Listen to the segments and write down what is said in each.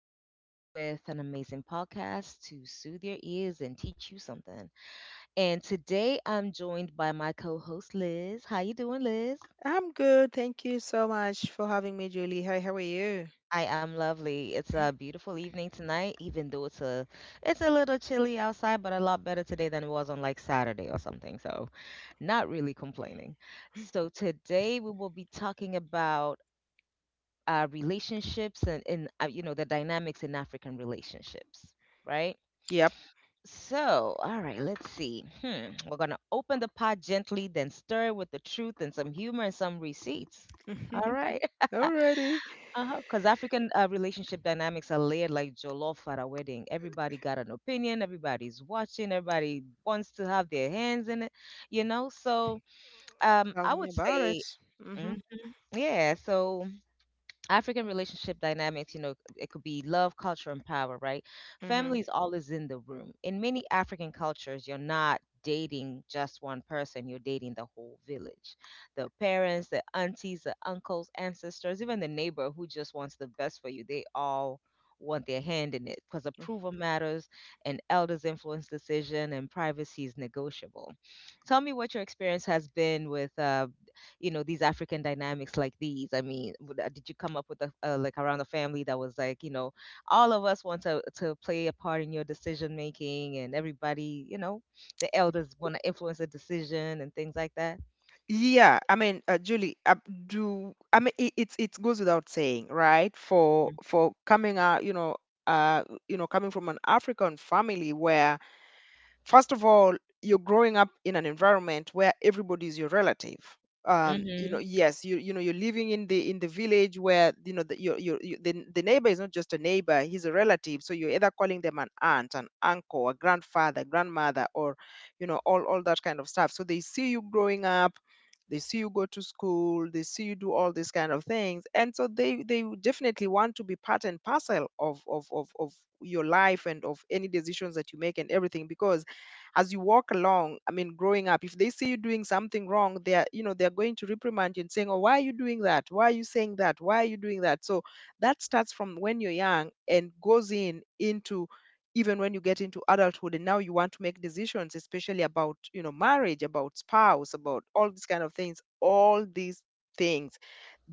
back again with an amazing podcast to soothe your ears and teach you something. And today I'm joined by my co-host Liz. How you doing, Liz? I'm good. Thank you so much for having me, Julie. Hi, how are you? I am lovely. It's a beautiful evening tonight, even though it's a little chilly outside, but a lot better today than it was on like Saturday or something. So, not really complaining. So today we will be talking about relationships and you know the dynamics in African relationships, right? Yep. So, all right, let's see. Hmm. We're gonna open the pot gently, then stir with the truth and some humor and some receipts. All right, Already. uh-huh. Because African relationship dynamics are layered like jollof at a wedding. Everybody got an opinion. Everybody's watching. Everybody wants to have their hands in it. You know, so Tell I me would about it. say, hmm mm, yeah. So African relationship dynamics, you know, it could be love, culture, and power, right? hmm. Family is always in the room. In many African cultures, you're not dating just one person, you're dating the whole village. The parents, the aunties, the uncles, ancestors, even the neighbor who just wants the best for you, they all want their hand in it because approval matters, and elders influence decision, and privacy is negotiable. Tell me what your experience has been with you know these African dynamics like these? I mean, did you come up with a like around a family that was like you know all of us want to play a part in your decision making and everybody you know the elders want to influence the decision and things like that? Julie, do I mean it, it's it goes without saying, right? For coming out, uh, coming from an African family where, first of all, you're growing up in an environment where everybody is your relative. You know, Mm-hmm. yes, you know, You're living in the village where you know the your you, the neighbor is not just a neighbor; he's a relative. So you're either calling them an aunt, an uncle, a grandfather, grandmother, or, you know, all that kind of stuff. So they see you growing up, they see you go to school, they see you do all these kind of things, and so they would definitely want to be part and parcel of your life and of any decisions that you make and everything. Because as you walk along, I mean, growing up, if they see you doing something wrong, they are, they're going to reprimand you, and saying, oh, why are you doing that, why are you saying that, why are you doing that? So that starts from when you're young and goes in into even when you get into adulthood and now you want to make decisions, especially about, you know, marriage, about spouse, about all these kind of things. All these things,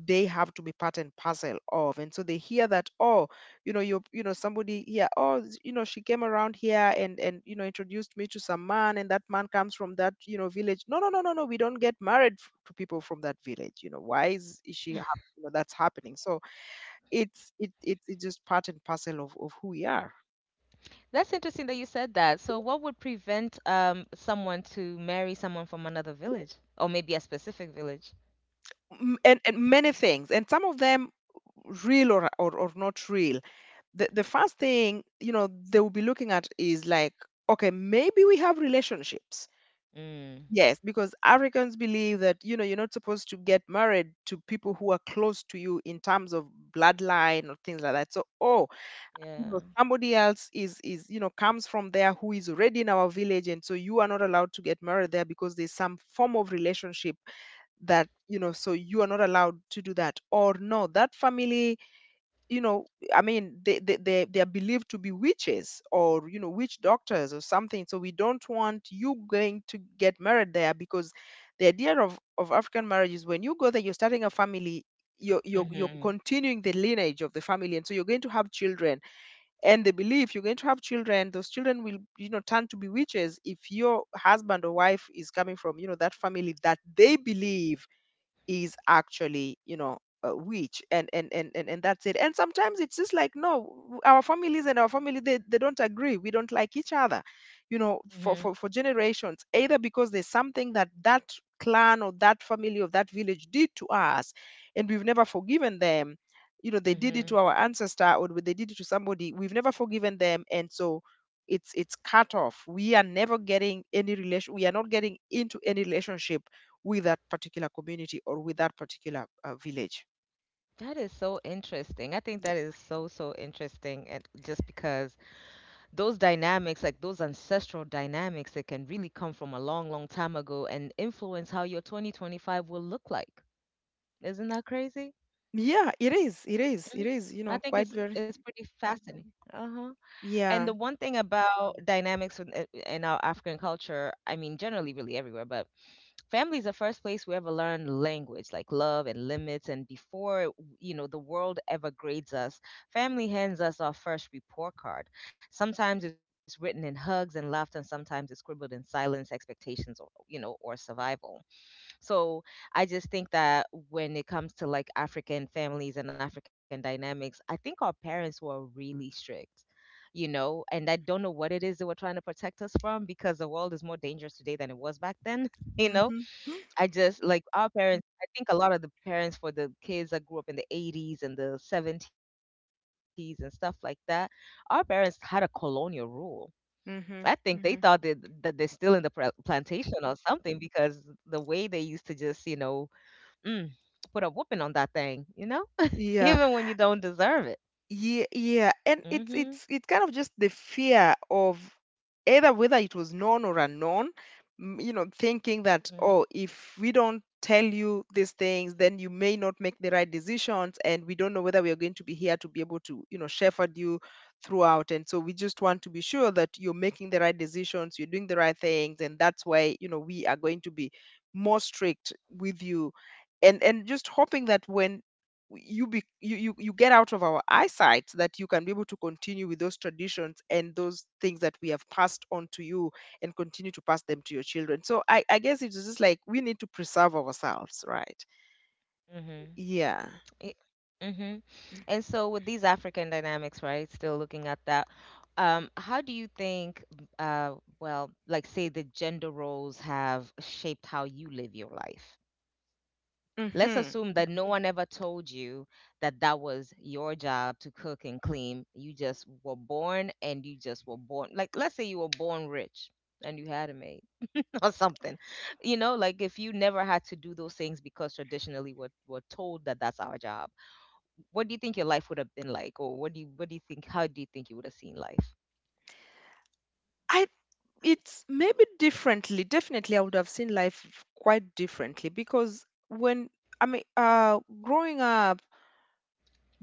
they have to be part and parcel of. And so they hear that, oh, you know, somebody here, oh, she came around here and you know, introduced me to some man and that man comes from that, you know, village. No, no, no, no, no, we don't get married to people from that village, you know. Why is, is she hap- you know, that's happening? So it's it, it it's just part and parcel of who we are. That's interesting that you said that. So, what would prevent someone to marry someone from another village, or maybe a specific village? And many things, and some of them real or not real. The first thing, you know, they will be looking at is like, okay, maybe we have relationships. Mm. Yes, because Africans believe that, you know, you're not supposed to get married to people who are close to you in terms of bloodline or things like that. So, oh, you know, Yeah. somebody else is you know, comes from there, who is already in our village, and so you are not allowed to get married there, because there's some form of relationship that, you know, so you are not allowed to do that. Or no, that family, you know, I mean they are believed to be witches, or you know, witch doctors or something, so we don't want you going to get married there, because the idea of African marriage is when you go there, you're starting a family, you're Mm-hmm. continuing the lineage of the family, and so you're going to have children. And they believe you're going to have children, those children will, you know, turn to be witches if your husband or wife is coming from, you know, that family that they believe is actually, you know, rich, and that's it. And sometimes it's just like, no, our families and our family, they don't agree, we don't like each other, you know, for, Mm-hmm. for for generations, either because there's something that clan or that family of that village did to us, and we've never forgiven them. You know, they did Mm-hmm. it to our ancestor, or they did it to somebody, we've never forgiven them, and so it's cut off. We are never getting any relation, we are not getting into any relationship with that particular community or with that particular village. That is so interesting. I think Yeah. that is so, so interesting. And just because those dynamics, like those ancestral dynamics, that can really come from a long, long time ago and influence how your 2025 will look like. Isn't that crazy? Yeah, it is. It is. It Mhm. is. You I know, think it's quite it's very. pretty fascinating. Uh-huh. And the one Yeah. thing about dynamics in our African culture, I mean, generally, really everywhere, but family is the first place we ever learn language like love and limits, and before you know the world ever grades us, family hands us our first report card. Sometimes it's written in hugs and laughter, and sometimes it's scribbled in silence, expectations, or you know, or survival. So I just think that when it comes to like African families and African dynamics, I think our parents were really strict, you know, and I don't know what it is they were trying to protect us from, because the world is more dangerous today than it was back then. You know, Mm-hmm. I just like our parents. I think a lot of the parents for the kids that grew up in the 80s and the 70s and stuff like that, our parents had a colonial rule. I think they Mm-hmm. thought that, Mm-hmm. that they're still in the plantation or something, because the way they used to just, you know, mm, put a whooping on that thing, you know, Yeah. even when you don't deserve it. Yeah, yeah, and it's Mm-hmm. it's it's kind of just the fear of either whether it was known or unknown. You know, thinking that, Mm-hmm. oh, if we don't tell you these things, then you may not make the right decisions, and we don't know whether we are going to be here to be able to, you know, shepherd you throughout. And so we just want to be sure that you're making the right decisions, you're doing the right things, and that's why, you know, we are going to be more strict with you. And just hoping that when you be you, you you get out of our eyesight, so that you can be able to continue with those traditions and those things that we have passed on to you, and continue to pass them to your children. So I guess it's just like we need to preserve ourselves, right? Mm-hmm. Yeah. Y- Mhm. And so with these African dynamics, right, still looking at that, how do you think, well, like say the gender roles have shaped how you live your life? Let's Mm-hmm. assume that no one ever told you that that was your job to cook and clean. You just were born and you just were born. Like, let's say you were born rich and you had a maid or something. You know, like if you never had to do those things because traditionally we're told that that's our job, what do you think your life would have been like, or what do you think? How do you think you would have seen life? I it's maybe differently, definitely I would have seen life quite differently, because when I mean, growing up,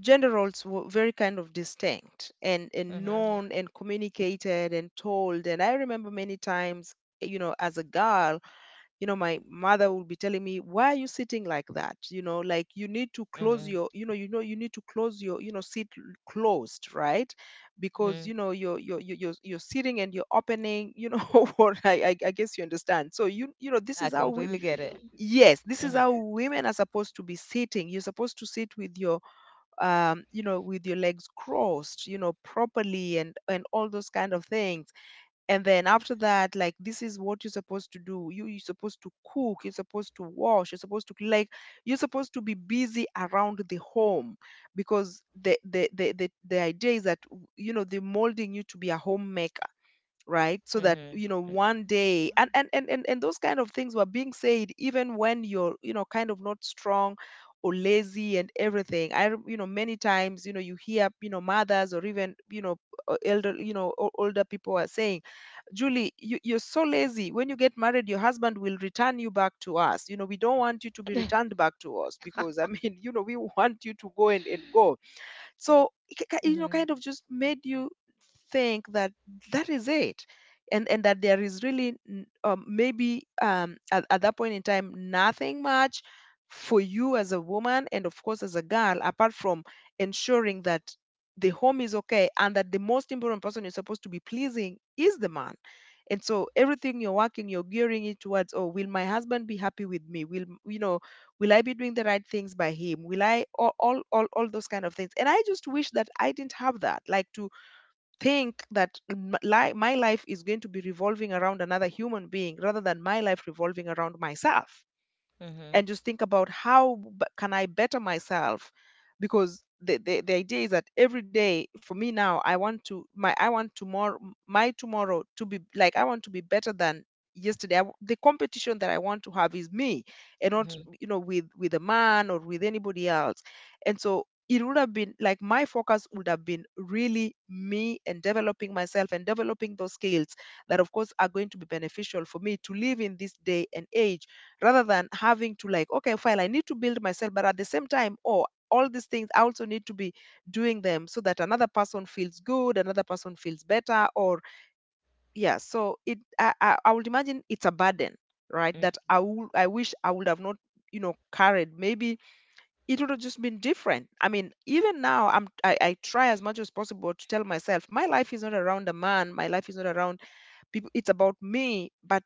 gender roles were very kind of distinct and known Mhm. and communicated and told. And I remember many times, you know, as a girl, you know, my mother would be telling me, why are you sitting like that? You know, like, you need to close Mhm. your, you know, you know, you need to close your, you know, closed, right? Because, you Mhm. know, you're sitting and you're opening, you know, what I guess you understand. So you know, this I is how we, completely get it. yes, this is Mhm. how women are supposed to be sitting. You're supposed to sit with your, you know, with your legs crossed, you know, properly, and all those kind of things. And then after that, like, this is what you're supposed to do. You're supposed to cook, you're supposed to wash, you're supposed to like, you're supposed to be busy around the home, because the idea is that, you know, they're molding you to be a homemaker, right, so that, Mhm. you know, Mhm. one day. And those kind of things were being said even when you're, you know, kind of not strong or lazy and everything. You know, many times, you know, you hear, you know, mothers or even, you know, elder, you know, older people are saying, Julie, you're so lazy, when you get married, your husband will return you back to us. You know, we don't want you to be returned back to us, because I mean, you know, we want you to go and go. So it you know, Mhm. kind of just made you think that that is it, and that there is really maybe, at that point in time, nothing much for you as a woman, and of course as a girl, apart from ensuring that the home is okay, and that the most important person you're supposed to be pleasing is the man. And so everything you're working, you're gearing it towards, oh, will my husband be happy with me, you know, will I be doing the right things by him, will I, all those kind of things. And I just wish that I didn't have that, like, to think that my life is going to be revolving around another human being, rather than my life revolving around myself, Mhm. and Mhm. just think about how, can I better myself? Because the idea is that every day for me now, I want tomorrow, my tomorrow to be like, I want to be better than yesterday. I w The competition that I want to have is me, and not, Mhm. you know, with a man or with anybody else. And so it would have been like my focus would have been really me, and developing myself and developing those skills that of course are going to be beneficial for me to live in this day and age, rather than having to like, okay, fine, I need to build myself, but at the same time, oh, all these things I also need to be doing them, so that another person feels good, another person feels better. Or yeah, so it, I would imagine it's a burden, right, that I wish I would have not, you know, carried. Maybe it would have just been different. I mean, even now, I try as much as possible to tell myself, my life is not around a man, my life is not around people, it's about me. But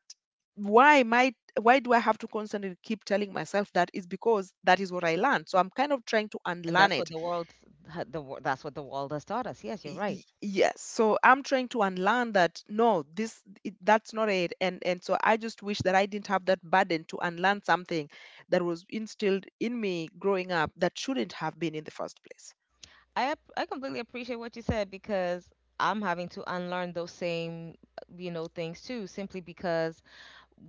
why might why do I have to constantly keep telling myself that? Is because that is what I learned, so I'm kind of trying to And unlearn that's it. what the world, that's what the world has taught us. Yes, you're right. Yes, so I'm trying to unlearn that, no, this. That's not it. And so I just wish that I didn't have that burden to unlearn something that was instilled in me growing up, that shouldn't have been in the first place. I completely appreciate what you said because I'm having to unlearn those same, you know, things too, simply because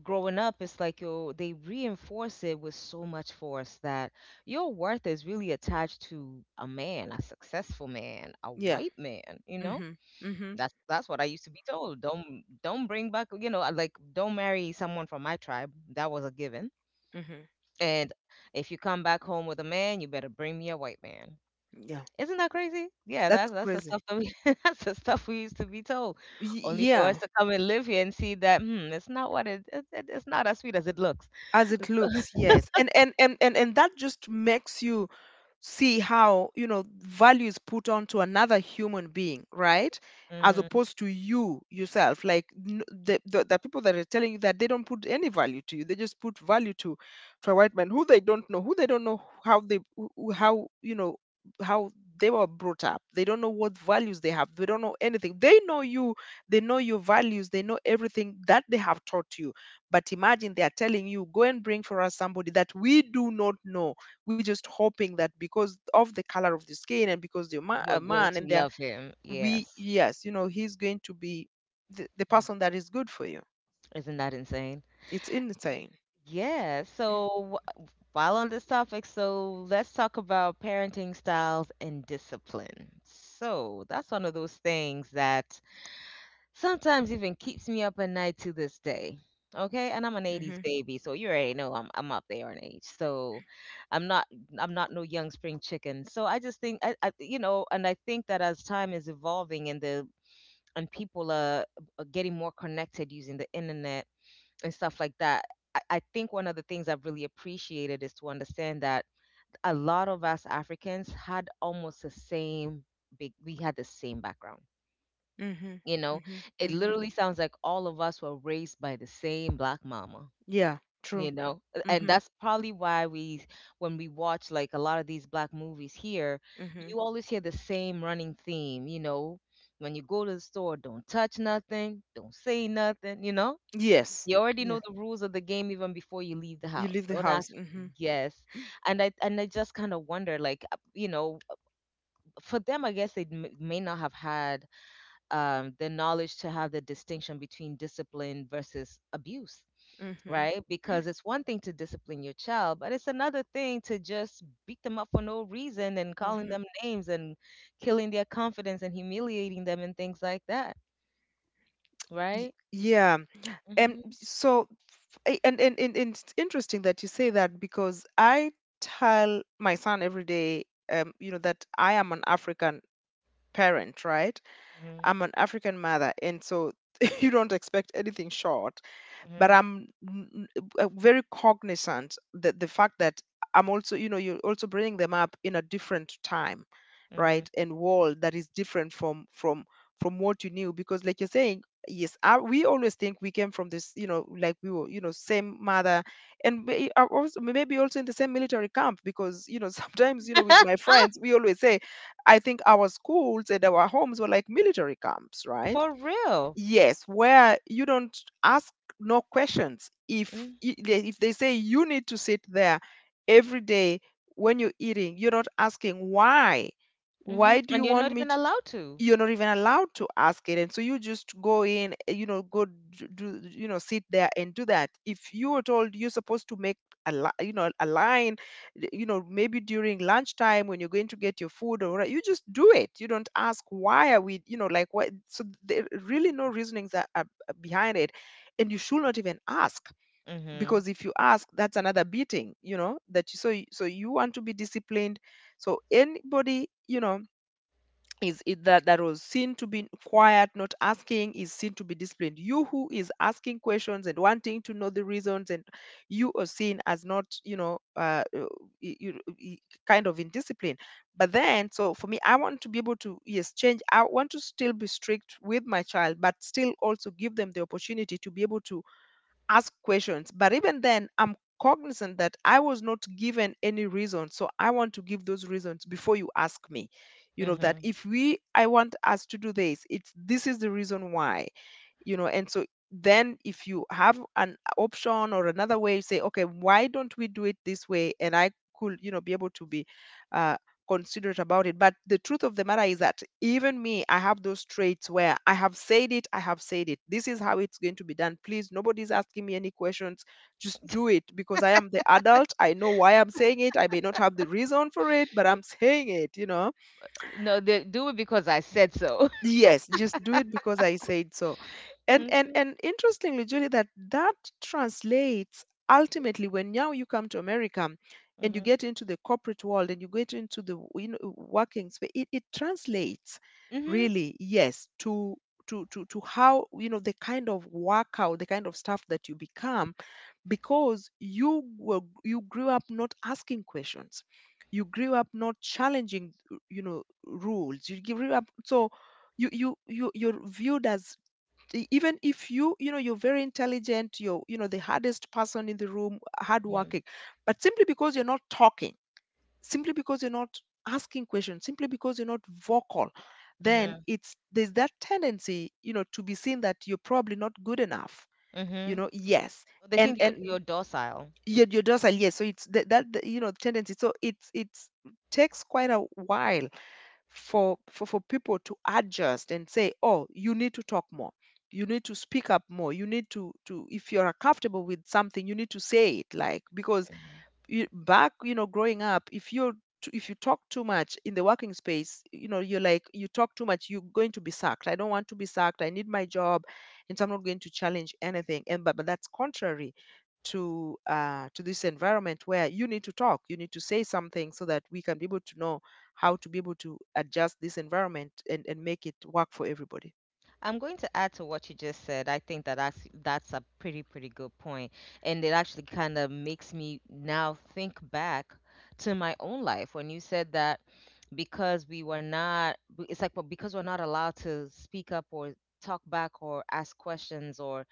growing up, it's like yo, they reinforce it with so much force that your worth is really attached to a man, a successful man, a Yeah. white man. You know, Mhm. Mhm. That's what I used to be told. Don't bring back, you know, like don't marry someone from my tribe. That was a given. Mhm. And if you come back home with a man, you better bring me a white man. Yeah, Isn't that crazy? Yeah, that's that's the crazy. stuff that we that's the stuff we used to be told, Y- only for yeah, us to come and live here and see that hmm, it's not what it it's not as sweet as it looks. as it So, looks, yes. And that just makes you see how, you know, value is put onto another human being, right? As hmm, opposed to you yourself. Like, the, the people that are telling you that, they don't put any value to you. They just put value to a white man who they don't know, who they don't know how they, how, you know, how they were brought up. They don't know what values they have. They don't know anything. They know you, they know your values, they know everything that they have taught you. But imagine they are telling you, go and bring for us somebody that we do not know. We're just hoping that because of the color of the skin, and because they're we're a going man, to and they're, love him. we, Yes. yes, you know, he's going to be the person that is good for you. Isn't that insane? It's insane. Yeah. So while on this topic, so let's talk about parenting styles and discipline. So that's one of those things that sometimes even keeps me up at night to this day. Okay, and I'm an '80s Mhm. baby, so you already know I'm up there in age. So I'm not I'm not no young spring chicken. So I just think I you know, and I think that as time is evolving and the and people are getting more connected using the internet and stuff like that. I think one of the things I've really appreciated is to understand that a lot of us Africans had almost the same, big, we had the same background, Mhm. you know, Mhm. it Mhm. literally sounds like all of us were raised by the same black mama, Yeah, you true. know? And Mhm. that's probably why we, when we watch like a lot of these black movies here, Mhm. you always hear the same running theme, you know? When you go to the store, don't touch nothing, don't say nothing, you know? Yes. You already Yeah, know the rules of the game even before you leave the you house. leave the Don't house. ask. Mhm. Yes, and I just kind of wonder, like you know, for them, I guess may not have had the knowledge to have the distinction between discipline versus abuse, Mhm. right? Because it's one thing to discipline your child, but it's another thing to just beat them up for no reason, and calling Mhm. them names, and killing their confidence, and humiliating them, and things like that, right? Yeah. And Hmm. so, and it's interesting that you say that, because I tell my son every day, you know, that I am an African parent, right? Hmm. I'm an African mother, and so you don't expect anything short. But Hmm. I'm very cognizant that the fact that I'm also, you know, you're also bringing them up in a different time, Hmm. right, and world that is different from from what you knew. Because, like you're saying, yes, I, we always think we came from this, you know, like we were, you know, same mother, and also maybe also in the same military camp. Because, you know, sometimes, you know, with my friends, we always say, I think our schools and our homes were like military camps, right? For real. Yes, where you don't ask no questions. If if they say you need to sit there every day when you're eating, you're not asking why. Mm-hmm. Why do you And you're want not me even to? allowed to. You're not even allowed to ask it. And so you just go in, you know, go, do, you know, sit there and do that. If you were told you're supposed to make you know, a line, you know, maybe during lunchtime when you're going to get your food or whatever, you just do it. You don't ask why. Are we, you know, like what? So there really, no reasonings are behind it. And you should not even ask, Hmm. because if you ask, that's another beating, you know. That you so you- so you want to be disciplined. So anybody, you know, is it that that was seen to be quiet, not asking, is seen to be disciplined. You who is asking questions and wanting to know the reasons, and you are seen as not, you know, y- you, y- kind of indisciplined. But then, so for me, I want to be able to, yes, change. I want to still be strict with my child, but still also give them the opportunity to be able to ask questions. But even then, I'm cognizant that I was not given any reason. So I want to give those reasons before you ask me. You know, that Hmm. if we, I want us to do this, it's, this is the reason why, you know. And so then if you have an option or another way, you say, okay, why don't we do it this way? And I could, you know, be able to be, uh, considerate about it. But the truth of the matter is that even me, I have those traits where I have said it, I have said it. This is how it's going to be done. Please, nobody's asking me any questions. Just do it because I am the adult. I know why I'm saying it. I may not have the reason for it, but I'm saying it, you know. No, they do it because I said so. Yes, just do it because I said so. And interestingly, Julie, that translates ultimately when now you come to America, and you Mm-hmm. get into the corporate world, and you get into the you know, working space. It translates Mm-hmm. really, yes, to to how, you know, the kind of workout, the kind of stuff that you become. Because you were, you grew up not asking questions, you grew up not challenging, you know, rules. You grew up, so you're viewed as, even if you, you know, you're very intelligent, you're, you know, the hardest person in the room, hardworking, but simply because you're not talking, simply because you're not asking questions, simply because you're not vocal, then Mm-hmm. it's, there's that tendency, you know, to be seen that you're probably not good enough, you Mm-hmm. know. Yes. They and think and you're docile. your dorsal, yes. So it's that, you know, tendency. So it's takes quite a while for, for people to adjust and say, oh, you need to talk more, you need to speak up more, you need to, if you're comfortable with something, you need to say it. Like, because Mhm. you, back, you know, growing up, if you're if you talk too much in the working space, you know, you're like, you talk too much, you're going to be sacked. I don't want to be sacked, I need my job. And so I'm not going to challenge anything. But that's contrary to, to this environment, where you need to talk, you need to say something, so that we can be able to know how to be able to adjust this environment and make it work for everybody. I'm going to add to what you just said. I think that that's a pretty, pretty good point, and it actually kind of makes me now think back to my own life when you said that, because we were not, b- it's like, well, because we're not allowed to speak up or talk back or ask questions or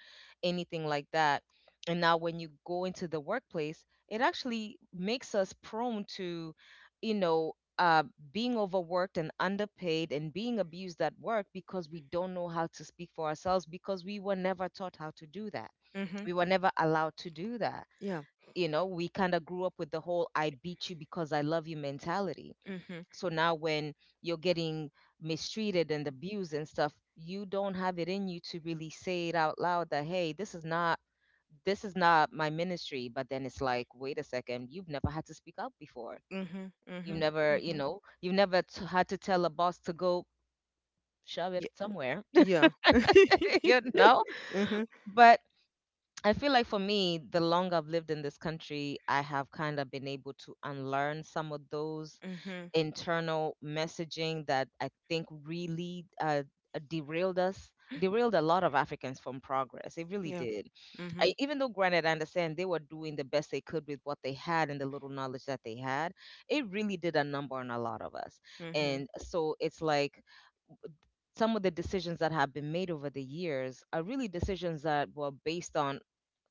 anything like that. And now when you go into the workplace, it actually makes us prone to, you know, um, being overworked and underpaid and being abused at work, because we don't know how to speak for ourselves because we were never taught how to do that. Hmm. We were never allowed to do that. Yeah. You know, we kind of grew up with the whole I beat you because I love you mentality. Hmm. So now when you're getting mistreated and abused and stuff, you don't have it in you to really say it out loud that, hey, this is not my ministry, but then it's like wait a second, you've never had to speak up before. Mhm. You've Mhm. never, you Mhm. know, you've never t- had to tell a boss to go shove it Yeah. somewhere, Yeah. you know? Mhm. But I feel like for me, the longer I've lived in this country, I have kind of been able to unlearn some of those Mhm. internal messaging that I think really derailed us, derailed a lot of Africans from progress. It really Yeah. did. I, Mhm. even though, granted, I understand they were doing the best they could with what they had and the little knowledge that they had, it really did a number on a lot of us. Mhm. And so it's like, some of the decisions that have been made over the years are really decisions that were based on,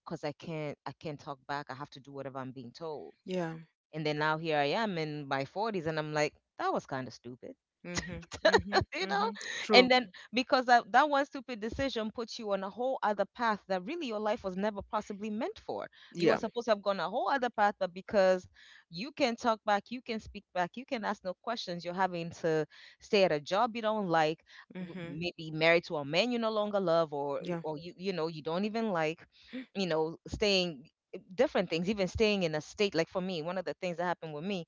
because I can't talk back. I have to do whatever I'm being told, Yeah. and then now here I am in my 40s and I'm like, that was kind of stupid. Mhm. Mhm. you know Mhm. and True. then because that one stupid decision puts you on a whole other path that really your life was never possibly meant for. You were Yeah. supposed to have gone a whole other path, but because you can talk back, you can speak back, you can ask no questions, you're having to stay at a job you don't like, Mhm. maybe married to a man you no longer love, or Yeah. or you, you know you don't even like, staying, different things, even staying in a state. Like for me, one of the things that happened with me,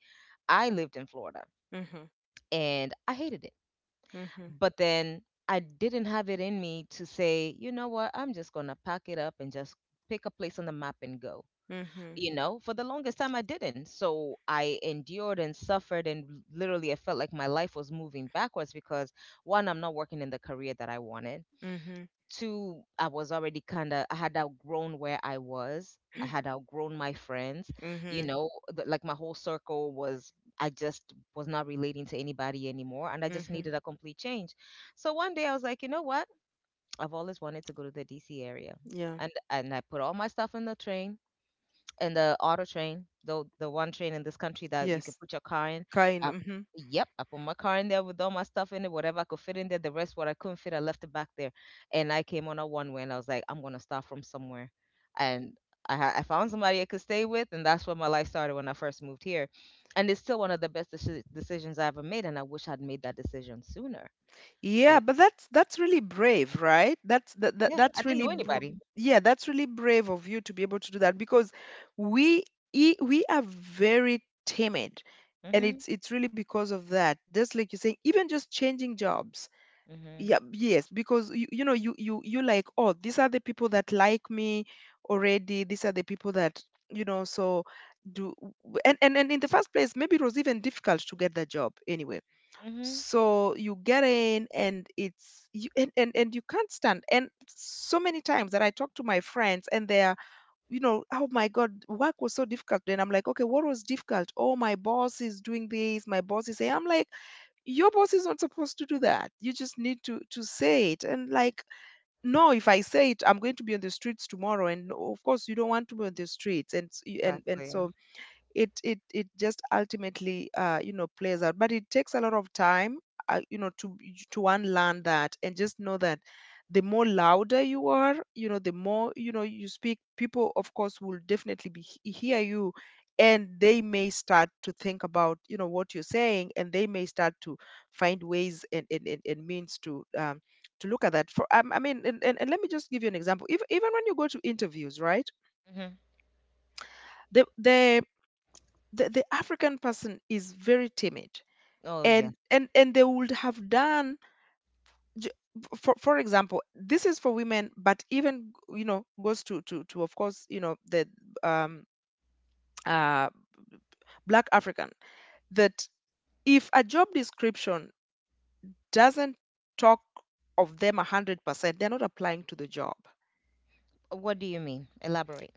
I lived in Florida Mhm. and I hated it. Mhm. But then I didn't have it in me to say, you know what, I'm just going to pack it up and just pick a place on the map and go. Mhm. You know, for the longest time I didn't. So I endured and suffered, and literally I felt like my life was moving backwards because one, I'm not working in the career that I wanted. Mhm. Two, I was already kind of, I had outgrown where I was. I had outgrown my friends. You Mhm. know, like my whole circle was, I just was not relating to anybody anymore. And I just Mhm. needed a complete change. So one day I was like, you know what? I've always wanted to go to the DC area. Yeah. And I put all my stuff in the train, and the auto train, the one train in this country that you can Yes. put your car in. Kind. I, Mhm. yep, I put my car in there with all my stuff in it, whatever I could fit in there. The rest, what I couldn't fit, I left it back there. And I came on a one way, and I was like, I'm gonna start from somewhere, and I found somebody I could stay with, and that's where my life started when I first moved here. And it's still one of the best decisions I ever made, and I wish I'd made that decision sooner. Yeah, Yeah, but that's really brave, right? That's that, that yeah, I that's didn't really know br. anybody. Yeah, that's really brave of you to be able to do that, because we, we are very timid, and Mhm, it's really because of that. Just like you're saying, even just changing jobs. Yeah, mhm, yes, because you know, you, you like, oh, these are the people that like me already. These are the people that, you know, so do. And in the first place, maybe it was even difficult to get that job anyway. mhm. So you get in, and it's you, and you can't stand. And so many times that I talk to my friends, and they're, you know, oh my god, work was so difficult. And I'm like, okay, what was difficult? Oh, my boss is doing this, my boss is saying. I'm like, your boss is not supposed to do that, you just need to say it. And like, no, if I say it, I'm going to be on the streets tomorrow. And of course you don't want to be on the streets. And s- you- and and Exactly. so it just ultimately, you know, plays out. But it takes a lot of time, you know, to unlearn that, and just know that the more louder you are, you know, the more, you know, you speak, people, of course, will definitely be, hear you. And they may start to think about, you know, what you're saying, and they may start to find ways and means to, to look at that for, I mean. And let me just give you an example. If, even when you go to interviews, right, Mhm. the, the African person is very timid, Oh yeah. And they would have done, j- for example, this is for women, but even, you know, goes to to, of course, you know, the, um uh black African, that if a job description doesn't talk of them 100%, they're not applying to the job. What do you mean? Elaborate.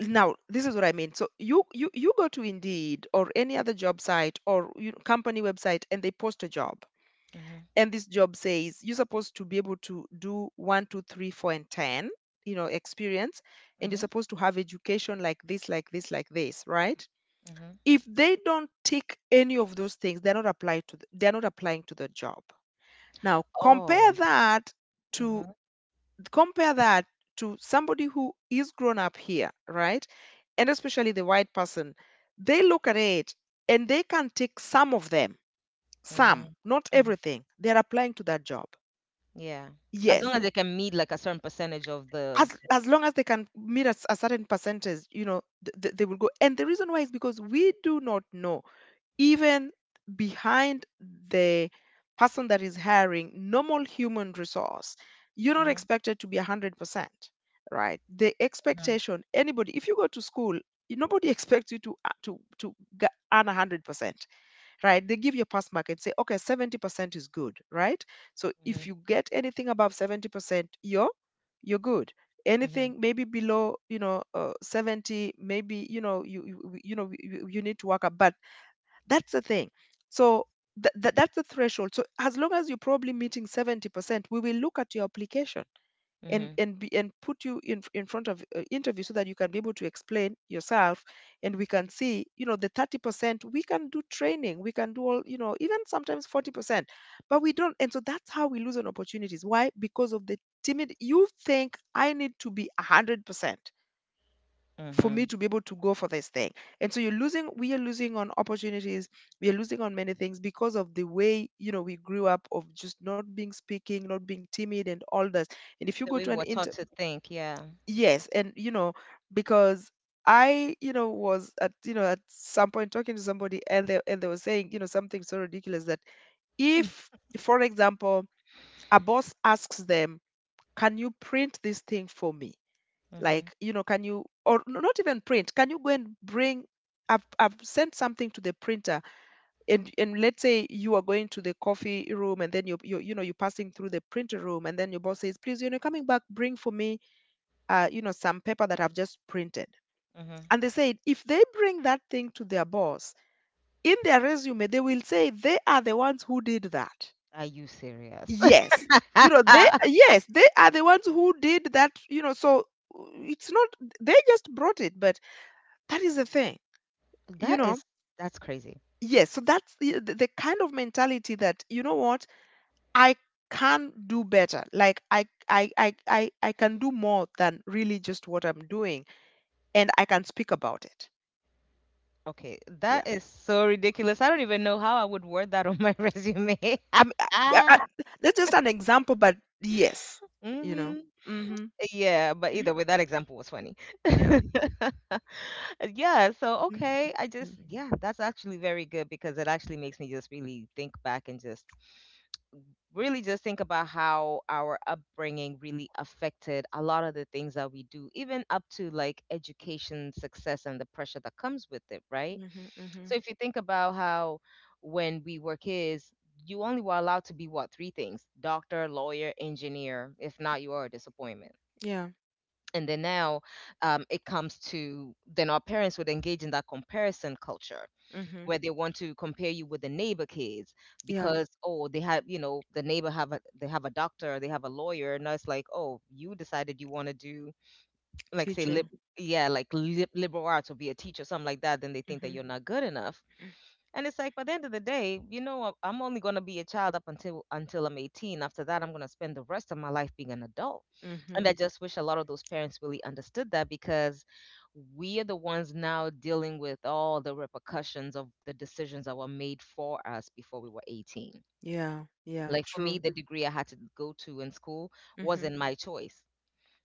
Now this is what I mean. So you, you go to Indeed or any other job site or, you know, company website, and they post a job, Mhm, and this job says you're supposed to be able to do one, two, three, four, and 10, you know, experience, and you're mhm, supposed to have education like this, like this, like this, right? mhm. If they don't tick any of those things, they're not applied to, the, they're not applying to the job. Now Oh. compare that to, Mhm, compare that to somebody who is grown up here, right? And especially the white person, they look at it and they can take some of them, some, mhm, not mhm. everything. They're applying to that job. Yeah. As long Yes, as they can meet like a certain percentage of the. as long as they can meet a certain percentage, you know, they will go. And the reason why is because we do not know, even behind the person that is hiring, normal human resource, you're not Mhm, expected to be 100%, right? The mhm, expectation, anybody, if you go to school, nobody expects you to g- earn 100%, right? They give you a pass mark and say, okay, 70% is good, right? So mhm, if you get anything above 70%, you're good. mhm, Anything maybe below, 70, maybe, you need to work up. But that's the thing. So that's the threshold. So as long as you're probably meeting 70%, we will look at your application mhm, and put you in front of interview so that you can be able to explain yourself, and we can see, you know, the 30% we can do training, we can do all, you know, even sometimes 40%, but we don't. And so that's how we lose on opportunities. Why? Because of the timid, you think I need to be 100% for me mhm. to be able to go for this thing. And so you're losing, we are losing on opportunities, we are losing on many things because of the way, you know, we grew up, of just not being speaking, not being timid and all this. And if you The go way we to an were taught interview. to think, yeah. Yes, and you know, because I, you know, was at, you know, at some point talking to somebody, and they, and they were saying, you know, something so ridiculous, that if, for example, a boss asks them, "Can you print this thing for me?" Mhm, Like, you know, can you, or not even print? Can you go and bring? I've sent something to the printer, and let's say you are going to the coffee room, and then you know you're passing through the printer room, and then your boss says, "Please, you know, coming back, bring for me, you know, some paper that I've just printed." mhm. And they said if they bring that thing to their boss, in their resume, they will say they are the ones who did that. Are you serious? Yes. You know, they, yes, they are the ones who did that, you know, so it's not, they just brought it, but that is the thing, you That know. is, that's crazy. Yes. So that's the kind of mentality that, you know what, I can do better. Like I can do more than really just what I'm doing, and I can speak about it. Okay, Yeah. that is so ridiculous. I don't even know how I would word that on my resume. I'm, I, I, that's just an example, but yes, you know. Mhm. Mm-hmm. Yeah, but either way, that example was funny. Yeah. Yeah, so Mm-hmm. okay, I just, yeah, that's actually very good because it actually makes me just really think back and just really just think about how our upbringing really affected a lot of the things that we do, even up to like education success and the pressure that comes with it, right? Mm-hmm. So if you think about how when we were kids, you only were allowed to be what, three things: doctor, lawyer, engineer. If not, you are a disappointment. Yeah. And then now, it comes to then our parents would engage in that comparison culture Mm-hmm. where they want to compare you with the neighbor kids Yeah. because, oh, they have, you know, the neighbor have a, they have a doctor, they have a lawyer, and it's like, oh, you decided you want to do like, say, lib, Teaching. yeah, like liberal arts or be a teacher, something like that, then they think that Mm-hmm. you're not good enough. And it's like, by the end of the day, you know, I'm only going to be a child up until I'm 18. After that, I'm going to spend the rest of my life being an adult, and I Mm-hmm. just wish a lot of those parents really understood that because we are the ones now dealing with all the repercussions of the decisions that were made for us before we were 18. Yeah. Yeah. Like for me, True. the degree I had to go to in school Mm-hmm. wasn't my choice,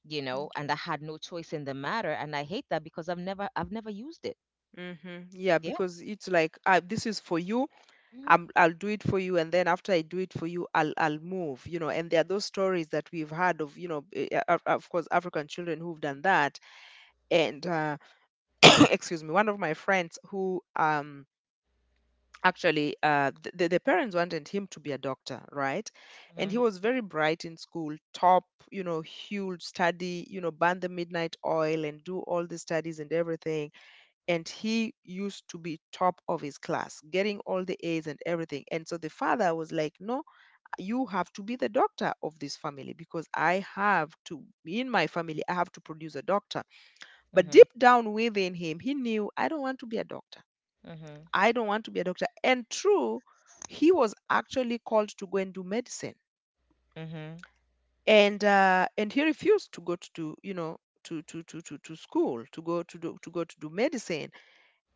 you know, and I had no choice in the matter. And I hate that because I've never used it. Mm-hmm. Yeah, Yeah. because it's like this is for you. Mhm. I'm, I'll do it for you, and then after I do it for you, I'll move. You know, and there are those stories that we've had of, you know, of course, African children who've done that. And excuse me, one of my friends who actually the parents wanted him to be a doctor, right? And he Mhm. was very bright in school, top, you know, huge study, you know, burn the midnight oil and do all the studies and everything, and he used to be top of his class, getting all the A's and everything. And so the father was like, no, you have to be the doctor of this family because I have to, in my family I have to produce a doctor. But Mhm. deep down within him, he knew, I don't want to be a doctor. I don't want to be a doctor. And true, he was actually called to go and do medicine, Mhm. And he refused to go to do, you know, to school, to go to do medicine,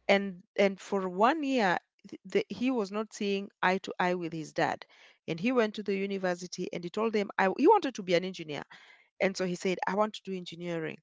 and for 1 year. The, he was not seeing eye to eye with his dad, and he went to the university and he told them I, he wanted to be an engineer. And so he said, I want to do engineering.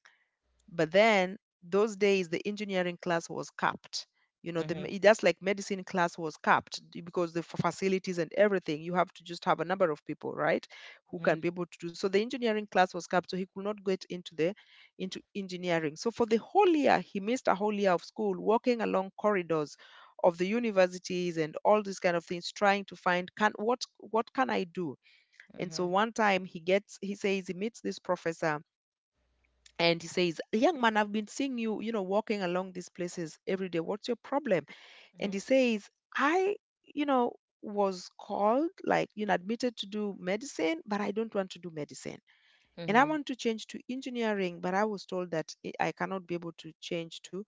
But then those days, the engineering class was capped. You know, the, Mhm. That's like medicine class was capped, because the facilities and everything, you have to just have a number of people, right, who Mhm. can be able to do. So the engineering class was capped, so he could not get into the, into engineering. So for the whole year, he missed a whole year of school, walking along corridors of the universities and all these kind of things, trying to find, can, what can I do? And so Mhm. one time he gets, he says he meets this professor, and he says, young man, I've been seeing you, you know, walking along these places every day. What's your problem? And Mhm. he says, I, you know, was called, like, you know, admitted to do medicine, but I don't want to do medicine. And I Mhm. want to change to engineering, but I was told that I cannot be able to change to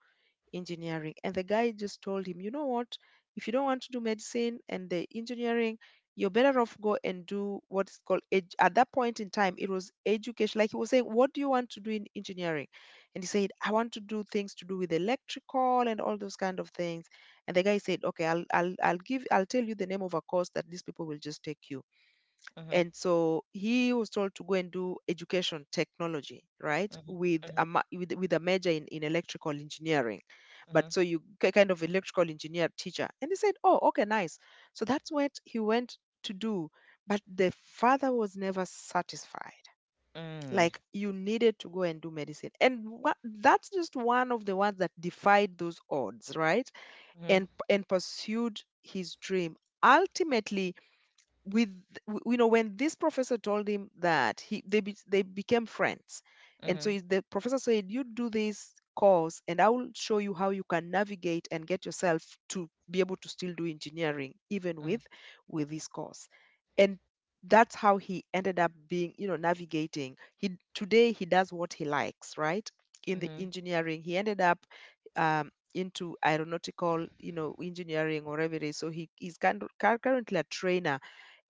engineering. And the guy just told him, you know what? If you don't want to do medicine and the engineering, you're better off go and do what's called at that point in time it was education. Like he was saying, what do you want to do in engineering? And he said, I want to do things to do with electrical and all those kind of things. And the guy said, okay, I'll give, I'll tell you the name of a course that these people will just take you. Mhm. And so he was told to go and do education technology, right, Mhm. with Mhm. a with a major in electrical engineering. Mhm. But Mhm. so you kind of electrical engineer teacher. And he said, oh, okay, nice. So that's what he went to do. But the father was never satisfied, like you needed to go and do medicine and what, that's just one of the ones that defied those odds, right, Mhm. And pursued his dream ultimately. With you know, when this professor told him that, he, they became friends, and so Mhm. The professor said, you do this course and I will show you how you can navigate and get yourself to be able to still do engineering even Mhm. with this course. And that's how he ended up being, you know, navigating. He today he does what he likes, right, in the Mhm. engineering. He ended up into aeronautical, you know, engineering or whatever it is. So he is kind of, currently a trainer,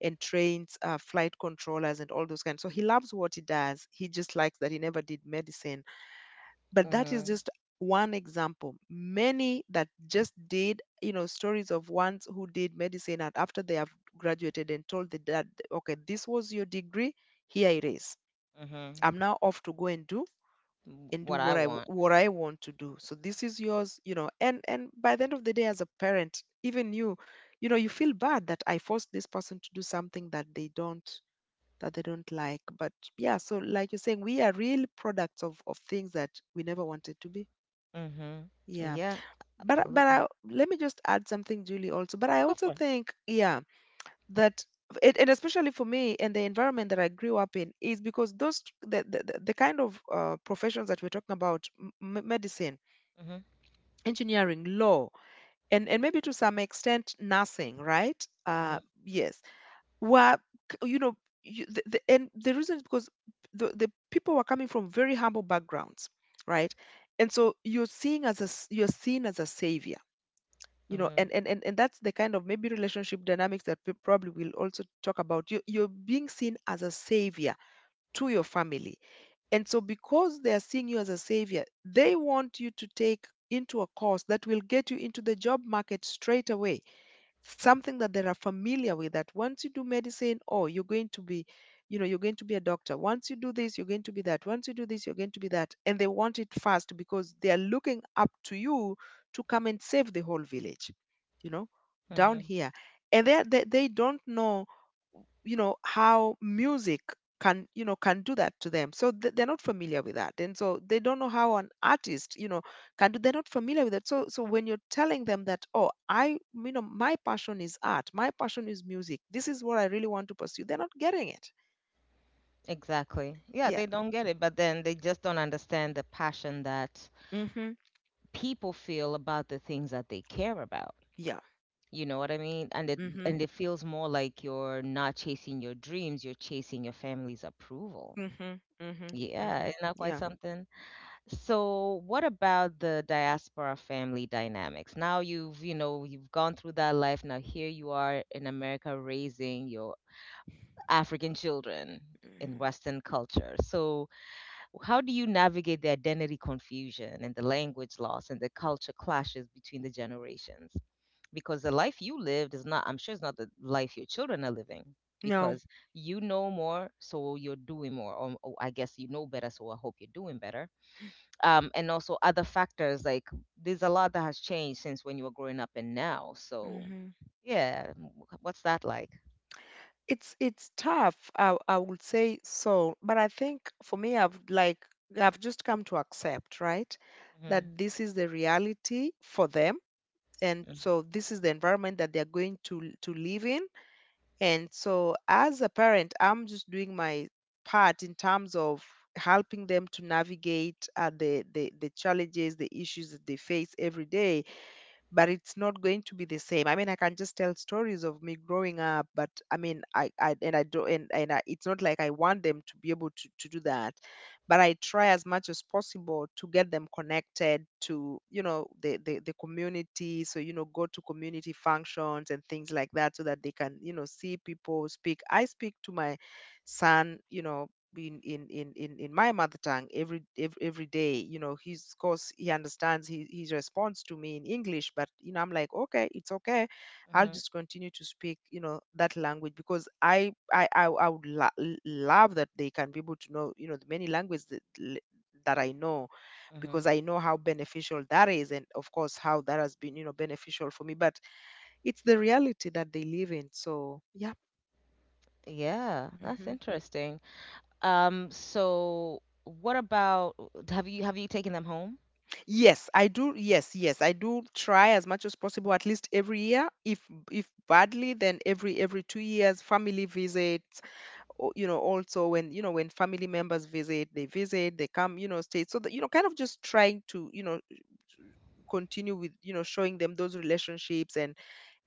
and trains flight controllers and all those kinds. So he loves what he does. He just likes that he never did medicine. But that is Mhm. just one example. Many that just did, you know, stories of ones who did medicine and after they have graduated and told the dad, okay, this was your degree, here it is. Mhm, I'm now off to go and do, W and do What I what I want. what I want to do. So this is yours, you know. And by the end of the day, as a parent, even you, you know, you feel bad that I forced this person to do something that they don't, that they don't like. But yeah, so like you're saying, we are real products of things that we never wanted to be. Mhm. Yeah. Yeah, But I, absolutely. let me just add something, Julie, also. But I Yeah, go also for it. think, yeah, that it, and especially for me and the environment that I grew up in, is because those, the kind of professions that we're talking about, medicine, Mhm, engineering, law, and maybe to some extent nursing, right? Mhm, Yes, were k- you know and the reason is because the people were coming from very humble backgrounds, right. And so you're seeing as a you're seen as a savior, you know. and mhm, and and, and that's the kind of maybe relationship dynamics that we probably will also talk about. You're being seen as a savior to your family, and so because they are seeing you as a savior, they want you to take into a course that will get you into the job market straight away, something that they are familiar with. That once you do medicine, oh, you're going to be, you know, you're going to be a doctor. Once you do this, you're going to be that. Once you do this, you're going to be that. And they want it fast because they are looking up to you to come and save the whole village, you know, down mhm. here. And they don't know, you know, how music can, you know, can do that to them. So they're not familiar with that, and so they don't know how an artist, you know, can do. They're not familiar with that. So when you're telling them that, oh, I, you know, my passion is art, my passion is music, this is what I really want to pursue, they're not getting it. Exactly. Yeah, Yeah. they don't get it, but then they just don't understand the passion that Mhm. people feel about the things that they care about. Yeah. You know what I mean? And it, Mhm. and it feels more like you're not chasing your dreams, you're chasing your family's approval. Mhm. Mhm. Yeah, Mhm. isn't that quite Yeah. something? So, what about the diaspora family dynamics? Now you've, you know, you've gone through that life. Now here you are in America raising your African children in Mhm. Western culture. So, how do you navigate the identity confusion and the language loss and the culture clashes between the generations? Because the life you lived is not, I'm sure it's not the life your children are living No. because you know more, so you're doing more. Or I guess you know better, so I hope you're doing better, and also other factors like there's a lot that has changed since when you were growing up and now. So Mhm. yeah, what's that like? It's tough. I would say so, but I think for me, I've just come to accept, right, Mm-hmm. that this is the reality for them, and so this is the environment that they're going to live in. And so, as a parent, I'm just doing my part in terms of helping them to navigate the challenges, the issues that they face every day, but it's not going to be the same. I mean, I can just tell stories of me growing up, but I mean, I and I do, it's not like I want them to be able to do that, but I try as much as possible to get them connected to, you know, the community. So, you know, go to community functions and things like that so that they can, you know, see people speak. I speak to my son, you know, in my mother tongue every day. You know, he's, of course, he understands. His response to me in English, but you know, I'm like, okay, it's okay. I'll Mm-hmm. just continue to speak, you know, that language, because I would love that they can be able to know, you know, the many languages that I know, Hmm. because I know how beneficial that is, and of course, how that has been, you know, beneficial for me. But it's the reality that they live in, so yeah. Yeah, that's Mhm. interesting. So what about, have you taken them home? Yes, I do. Yes, yes, I do try as much as possible, at least every year. If badly, then every 2 years, family visits. Or, you know, also when you know when family members visit, they come, you know, stay. So that, you know, kind of just trying to, you know, continue with, you know, showing them those relationships,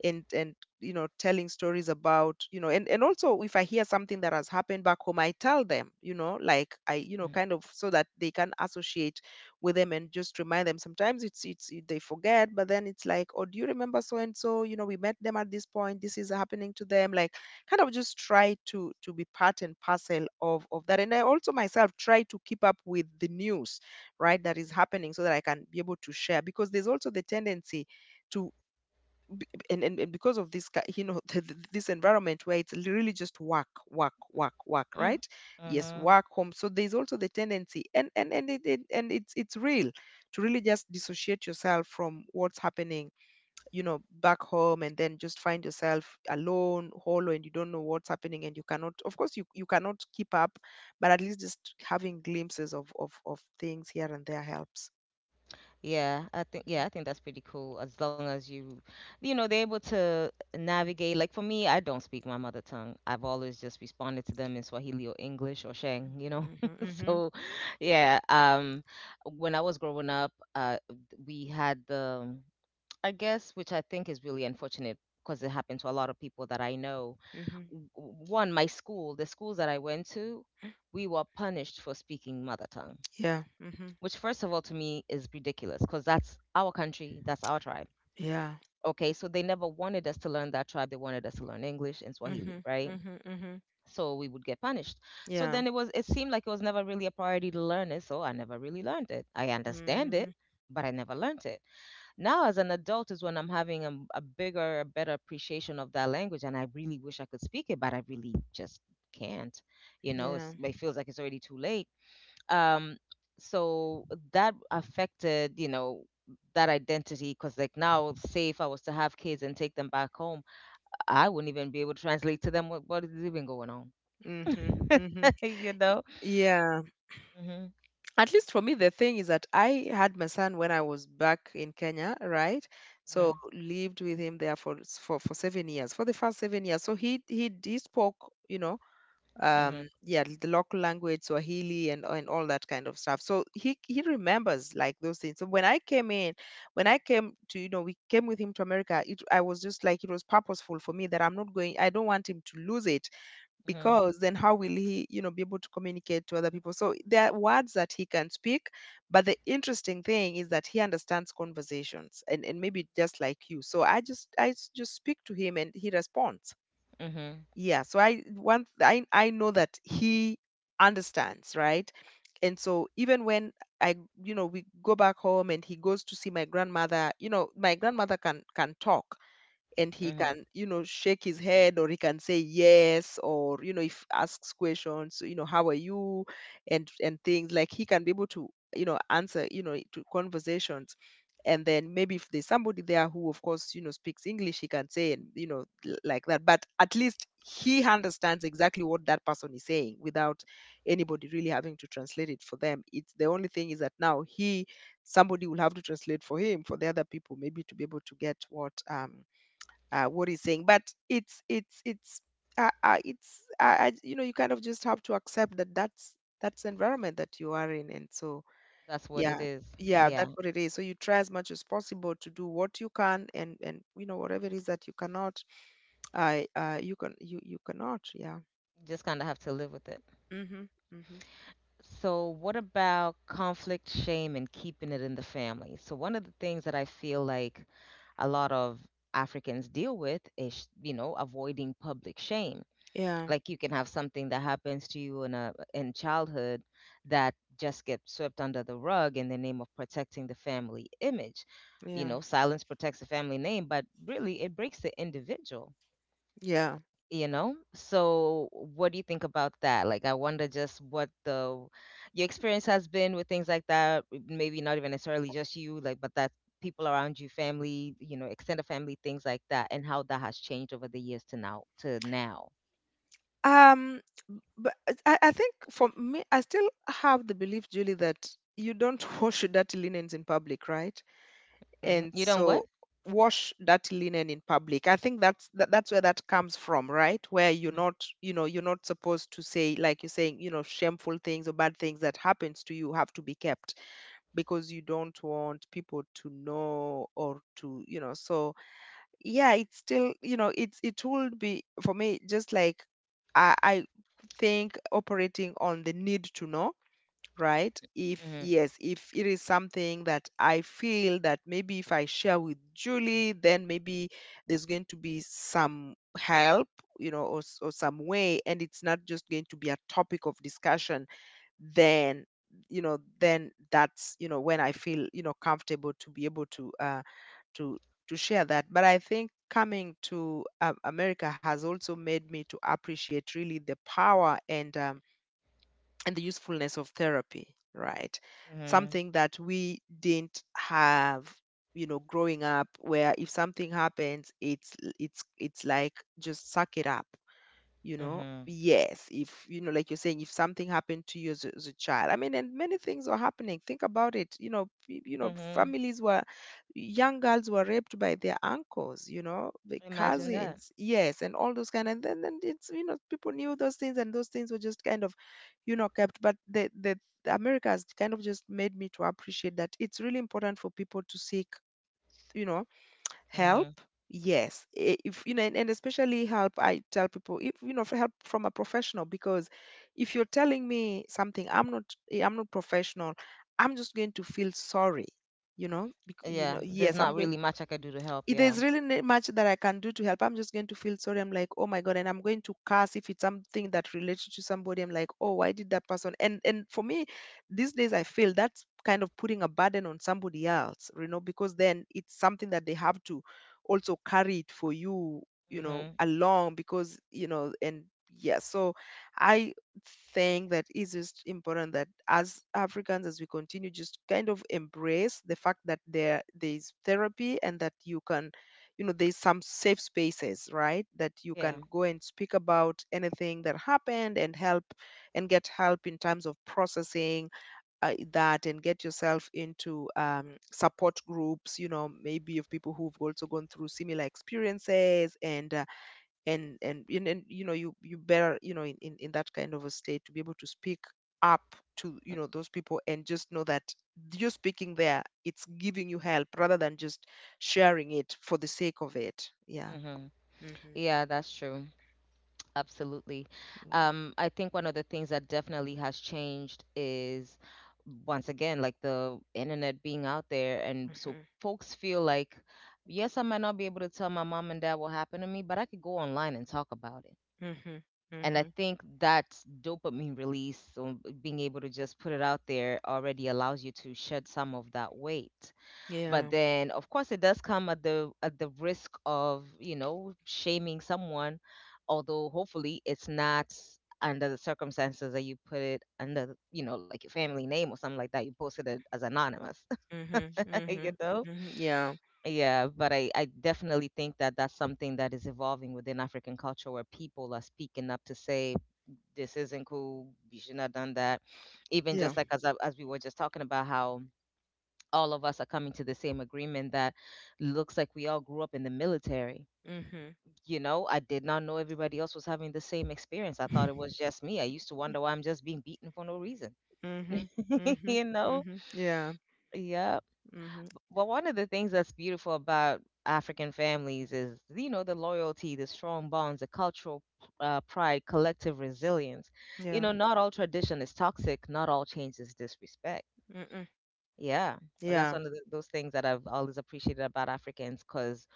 and you know, telling stories about, you know. And also, if I hear something that has happened back home, I tell them, you know, like I, you know, kind of, so that they can associate with them, and just remind them. Sometimes they forget, but then it's like, oh, do you remember so and so? You know, we met them at this point, this is happening to them, like, kind of just try to be part and parcel of that. And I also myself try to keep up with the news, right, that is happening, so that I can be able to share, because there's also the tendency to. And, and because of you know, this environment where it's really just work work work work, right. Yes, Mm-hmm. work, home. So there's also the tendency. And it's real to really just dissociate yourself from what's happening, you know, back home, and then just find yourself alone, hollow, and you don't know what's happening, and you cannot, of course, you cannot keep up. But at least just having glimpses of things here and there helps. Yeah, I think, yeah, I think that's pretty cool as long as you, you know, they're able to navigate. Like for me, I don't speak my mother tongue. I've always just responded to them in Swahili or English or Shang, you know. Hmm. So, yeah, um, when I was growing up, we had the, I guess, which I think is really unfortunate because it happened to a lot of people that I know. Hmm. Hmm. w- One, my school, the schools that I went to, we were punished for speaking mother tongue, Yeah. Hmm. which first of all to me is ridiculous because that's our country, that's our tribe. Yeah. Okay, so they never wanted us to learn that tribe. They wanted us to learn English and Swahili, Mhm. right? Mhm. Mhm. So we would get punished. So Yeah. then it was, it seemed like it was never really a priority to learn it, so I never really learned it. I understand it, Mm, but I never learned it. Now as an adult is when I'm having a bigger, a better appreciation of that language and I really wish I could speak it, but I really just can't. You know, yeah. it's, it feels like it's already too late, um, so that affected, you know, that identity, because like now, say if I was to have kids and take them back home, I wouldn't even be able to translate to them what is even going on. Mhm. Mhm. you know Yeah. hmm. At least for me, the thing is that I had my son when I was back in Kenya, right? So Hmm. lived with him there for 7 years, for the first 7 years. So he spoke, you know, Hmm. Yeah, the local language, Swahili, and all that kind of stuff. So he remembers, like, those things. So when I came to, you know, we came with him to America, I was just like, it was purposeful for me that I'm not going I don't want him to lose it. Hmm. Because then how will he, you know, be able to communicate to other people? So there are words that he can speak, but the interesting thing is that he understands conversations, and maybe just like you. So I just I s- just speak to him and he responds. Hmm. Yeah, so I one th- I know that he understands, right? And so even when I you know, we go back home and he goes to see my grandmother, you know, my grandmother can talk, and he Hmm. can, you know, shake his head, or he can say yes, or, you know, if asks questions, you know, how are you, and things like, he can be able to, you know, answer, you know, to conversations. And then, maybe if there's somebody there who, of course, you know, speaks English, he can say and, you know, like that. But at least he understands exactly what that person is saying, without anybody really having to translate it for them. It's, the only thing is that now he, somebody will have to translate for him for the other people, maybe to be able to get what he's saying. But it's it's it's it's you know, you kind of just have to accept that that's the environment that you are in, and so That's what it yeah. is. Yeah Yeah, that's what it is. So you try as much as possible to do what you can, and you know, whatever it is that you cannot, I you can, you cannot. Yeah. you just kind of have to live with it. Mhm. Mhm. So, what about conflict, shame, and keeping it in the family? So, one of the things that I feel like a lot of Africans deal with is, you know, avoiding public shame. Yeah. Like you can have something that happens to you in a, in childhood that just gets swept under the rug in the name of protecting the family image. You Yeah. know, silence protects the family name, but really it breaks the individual, Yeah. you know. So what do you think about that? Like, I wonder just what the, your experience has been with things like that, maybe not even necessarily just you like, but that people around you, family, you know, extended family, things like that, and how that has changed over the years to now, to now. Um, but I think for me, I still have the belief, Julie, that you don't wash your dirty linens in public, right? Hmm. And You don't what? so, wash that linen in public. I think that's where that comes from, right? Where you're not, you know, you're not supposed to say, like you're saying, you know, shameful things or bad things that happens to you have to be kept, because you don't want people to know, or to, you know, so yeah. It's still, you know, it would be for me just like I think, operating on the need to know, right? If Mm-hmm. yes, if it is something that I feel that maybe if I share with Julie, then maybe there's going to be some help, you know, or, or some way, and it's not just going to be a topic of discussion, then, you know, then that's, you know, when I feel, you know, comfortable to be able to to share that. But I think coming to America has also made me to appreciate really the power and and the usefulness of therapy, right? Mm-hmm. Something that we didn't have, you know, growing up, where if something happens, it's like, just suck it up. You know, Mm-hmm. yes, if, you know, like you're saying, if something happened to you as as a child, I mean, and many things are happening, think about it, you know, you know, Mm-hmm. families were, young girls were raped by their uncles, you know, the Imagine that. cousins, yes, and all those kind. And then it's, you know, people knew those things, and those things were just kind of, you know, kept. But the America has kind of just made me to appreciate that it's really important for people to seek, you know, help. Mm-hmm. Yes. If you know, and especially help, I tell people, if you know, help from a professional, because if you're telling me something, I'm not professional, I'm just going to feel sorry, you know, because, you Yeah, know, there's yes, not I'm going, really much I could do to help. if Yeah. there's really not much that I can do to help. I'm just going to feel sorry. I'm like, oh my God, and I'm going to curse if it's something that relates to somebody. I'm like, oh, why did that person? And for me, these days I feel that's kind of putting a burden on somebody else, you know, because then it's something that they have to also carry it for you, you know, Mm-hmm. along, because you know, and yeah, so I thing that is just important, that as Africans, as we continue, just kind of embrace the fact that there is therapy and that you can, you know, there's some safe spaces, right? That you can Yeah. go and speak about anything that happened and help and get help in terms of processing that and get yourself into support groups, you know, maybe of people who've also gone through similar experiences and you better, in that kind of a state to be able to speak up to those people and just know that you speaking there, it's giving you help rather than just sharing it for the sake of it yeah Mm-hmm. mm-hmm. Yeah, that's true. Absolutely. I think one of the things that definitely has changed is, once again, like the internet being out there. And so Mm-hmm. folks feel like, yes, I might not be able to tell my mom and dad what happened to me, but I could go online and talk about it. Mm-hmm. And I Mm-hmm. think that dopamine release, so being able to just put it out there, already allows you to shed some of that weight, yeah but then of course it does come at the risk of shaming someone, although hopefully it's not under the circumstances that you put it under the- you know, like your family name or something like that. You posted it as anonymous. mm-hmm. Mm-hmm. you know Mm-hmm. yeah yeah, but I definitely think that that's something that is evolving within African culture, where people are speaking up to say this isn't cool, you shouldn't have done that. Even yeah just like as we were just talking about how all of us are coming to the same agreement that looks like we all grew up in the military. mm-hmm. You know, I did not know everybody else was having the same experience. I thought it was just me. I used to wonder why I'm just being beaten for no reason. Mm-hmm. Mm-hmm. you know? Mm-hmm. yeah Yeah. mm-hmm. But one of the things that's beautiful about African families is, you know, the loyalty, the strong bonds, the cultural pride, collective resilience. You yeah know, not all tradition is toxic, not all change is disrespect. Mm-mm. Yeah, but that's Yeah, one of those things that I've always appreciated about Africans, because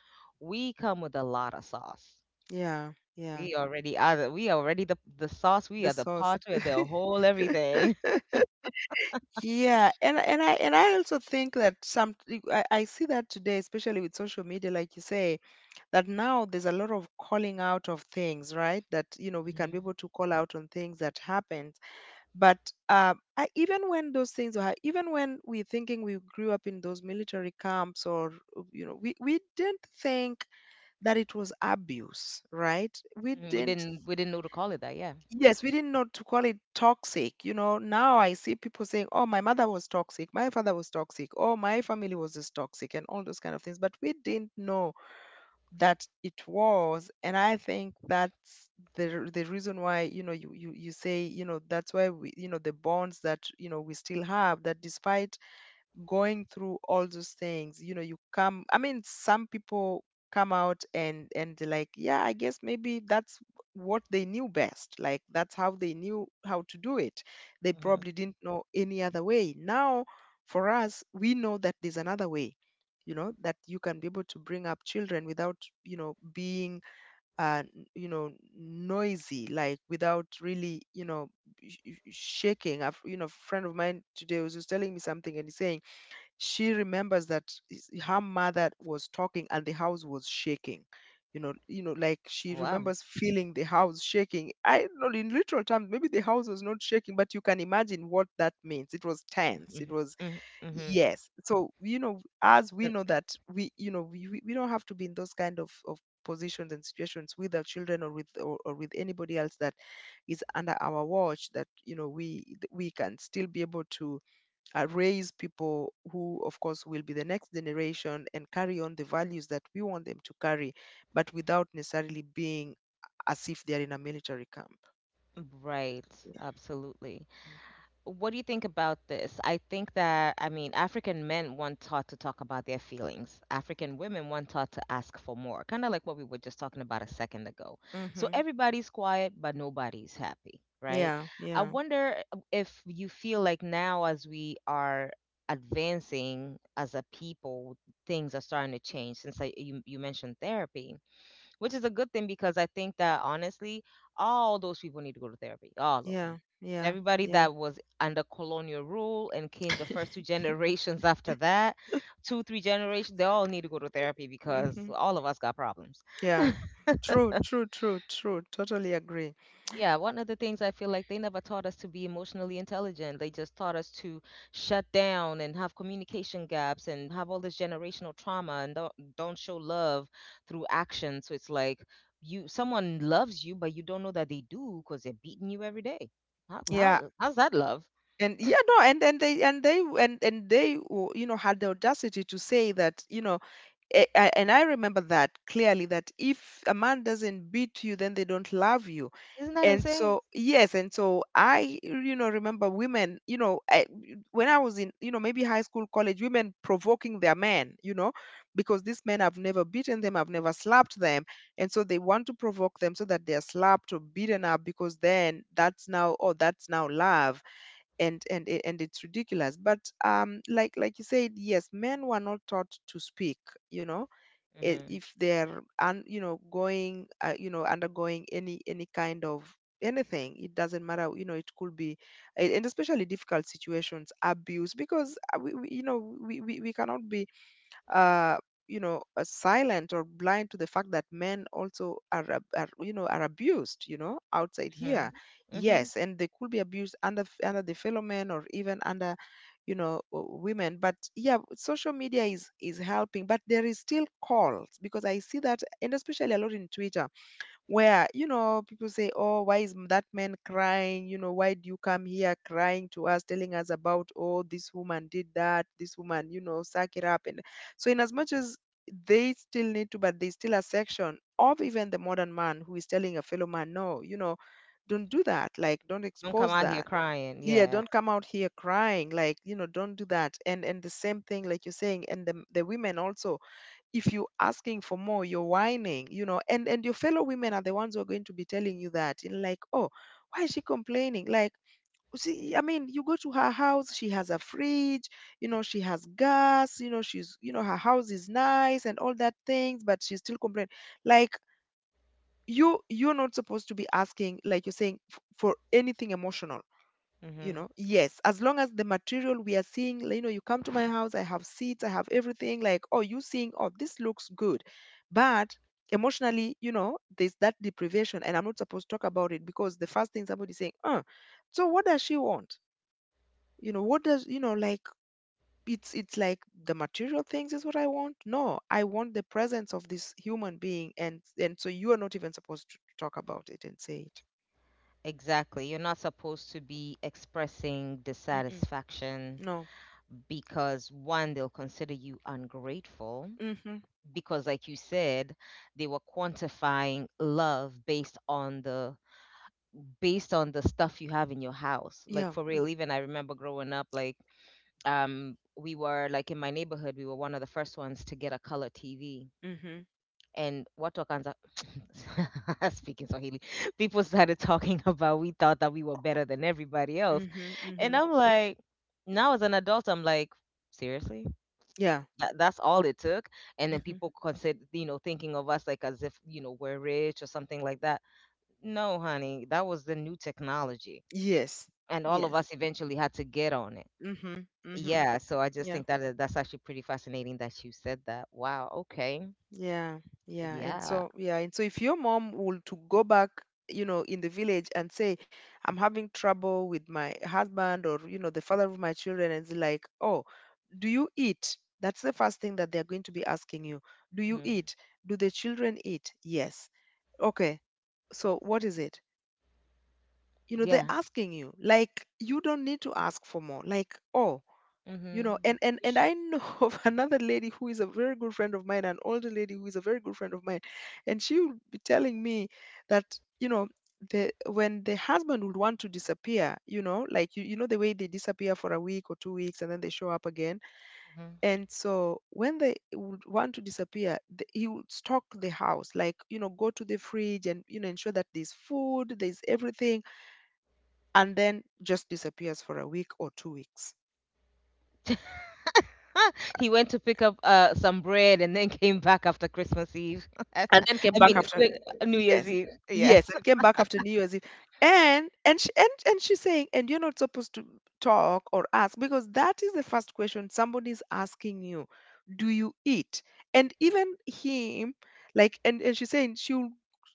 we come with a lot of sauce. yeah, yeah, We already are we already the sauce. We the are the sauce. pot. We are the whole everything. Yeah, and I also think that I see that today, especially with social media, like you say, that now there's a lot of calling out of things, right? That you know, we can be Mhm. able to call out on things that happened. But even when those things were, even when we're thinking we grew up in those military camps, or you know, we didn't think that it was abuse, right? We Mhm, we didn't. didn't we didn't know to call it that. Yeah. Yes, we didn't know to call it toxic. You know, now I see people saying, "Oh, my mother was toxic, my father was toxic, oh, my family was just toxic," and all those kind of things. But we didn't know that it was, and I think that's the reason why, you know, you say, you know, that's why we, you know, the bonds that, you know, we still have, that despite going through all those things, you know, you come, I mean, some people come out and they're like, yeah, I guess maybe that's what they knew best, like that's how they knew how to do it. They Hmm. probably didn't know any other way. Now for us, we know that there's another way, you know, that you can be able to bring up children without, you know, being you know, noisy, like without really, you know, shaking. You know, friend of mine today was just telling me something, and he's saying she remembers that her mother was talking and the house was shaking. You know, you know, like she Wow. remembers feeling the house shaking. I, not in literal terms, maybe the house was not shaking, but you can imagine what that means. It was tense, Mm-hmm. it was. Mm-hmm. Mm-hmm. Yes, so you know, as we know that we, you know, we don't have to be in those kind of positions and situations with our children or or with anybody else that is under our watch, that you know, we can still be able to raise people who, of course, will be the next generation and carry on the values that we want them to carry, but without necessarily being as if they're in a military camp. Right. Yeah. Absolutely. What do you think about this? I think that, I mean, African men want taught to talk about their feelings. African women want taught to ask for more, kind of like what we were just talking about a second ago. So Mm-hmm. everybody's quiet, but nobody's happy, right? Yeah. I Yeah. wonder if you feel like now, as we are advancing as a people, things are starting to change since you mentioned therapy, which is a good thing, because I think that honestly, all those people need to go to therapy, all of them. Yeah. Yeah. Everybody Yeah. that was under colonial rule and came the first two generations after that, two, three generations, they all need to go to therapy because Hmm. all of us got problems. Yeah. True, true, true, true. Totally agree. Yeah, one of the things, I feel like they never taught us to be emotionally intelligent. They just taught us to shut down and have communication gaps and have all this generational trauma and don't show love through action. So it's like you, someone loves you, but you don't know that they do because they're beating you every day. Yeah. How's that love? And yeah, no, and then they and they w- you know, had the audacity to say that, you know, eh, and I remember that clearly, that if a man doesn't beat you, then they don't love you. Isn't that And insane? so, yes, and so I, you know, remember women, you know, I, when I was in, you know, maybe high school, college, women provoking their men, you know, because these men have never beaten them, have never slapped them. And so they want to provoke them so that they're slapped or beaten up, because then that's now, oh, that's now love. And it's ridiculous. But, like you said, yes, men were not taught to speak, you know, Mhm. if they're un, you know, going you know, undergoing any kind of anything. It doesn't matter, you know, it could be, and especially difficult situations, abuse, because we, you know, we cannot be uh, you know, silent or blind to the fact that men also are, are, you know, are abused, you know, outside here. Mhm. Mhm. Yes, and they could be abused under under the fellow men or even under, you know, women. But yeah, social media is helping, but there is still calls, because I see that, and especially a lot in Twitter, where you know, people say, oh, why is that man crying, you know, why do you come here crying to us, telling us about, oh, this woman did that, this woman, you know, suck it up. And so, in as much as they still need to, but there's still a section of even the modern man who is telling a fellow man, no, you know, don't do that, like don't Don't come expose out here that. crying. Yeah, Yeah. don't come out here crying, like you know, don't do that. And the same thing, like you're saying, and the women also, if you are asking for more, you're whining, you know, and your fellow women are the ones who are going to be telling you that, and like, oh, why is she complaining? Like, see, I mean, you go to her house, she has a fridge, you know, she has gas, you know, she's, you know, her house is nice and all that things, but she's still complaining. Like, you're not supposed to be asking, like you're saying, for anything emotional, you Mhm. know? Yes, as long as the material we are seeing, like, you know, you come to my house, I have seats, I have everything, like, oh, you seeing, oh, this looks good. But emotionally, you know, there's that deprivation, and I'm not supposed to talk about it because the first thing somebody saying, so what does she want? You know, what does you know, like, it's like the material things is what I want. No, I want the presence of this human being, and so you are not even supposed to talk about it and say it. Exactly. You're not supposed to be expressing Mm-mm. dissatisfaction, No. because one, they'll consider you ungrateful Mm-hmm. because, like you said, they were quantifying love based on the stuff you have in your house. Like Yeah. for real, even I remember growing up, like we were like, in my neighborhood, we were one of the first ones to get a color TV. Mm-hmm. And what Wakanza speaking Swahili, people started talking about we thought that we were better than everybody else. Mm-hmm. And Mm-hmm. I'm like, now as an adult, I'm like, seriously? Yeah. That, that's all it took, and then Hmm. people consider, you know, thinking of us like as if, you know, we're rich or something like that. No honey, that was the new technology, Yes. and all of Yes. us eventually had to get on it. Mhm. Mhm. Yeah, so I just Yeah. think that that's actually pretty fascinating that you said that. Wow, okay. Yeah. Yeah. And Yeah. so yeah, and so if your mom would to go back, you know, in the village and say, I'm having trouble with my husband or, you know, the father of my children, and it's like, oh, do you eat? That's the first thing that they're going to be asking you. Do you Hmm. eat? Do the children eat? Yes. Okay. So what is it? You know, they're Yeah. asking you. Like, you don't need to ask for more. Like, oh, you know, Mm-hmm. And I know of another lady who is a very good friend of mine, an older lady who is a very good friend of mine, and she would be telling me that, you know, the when the husband would want to disappear, you know, like you know, the way they disappear for a week or 2 weeks, and then they show up again. Hmm. And so when they would want to disappear, he would stock the house, like you know, go to the fridge, and you know, ensure that there's food, there's everything. And then just disappears for a week or 2 weeks. He went to pick up some bread and then came back after Christmas Eve. I And then came back mean, after, New Year's yes. Eve, Yes, yes. and came back after New Year's Eve. And she and she's saying, and you're not supposed to talk or ask, because that is the first question somebody's asking you. Do you eat? And even him, like and she's saying she'll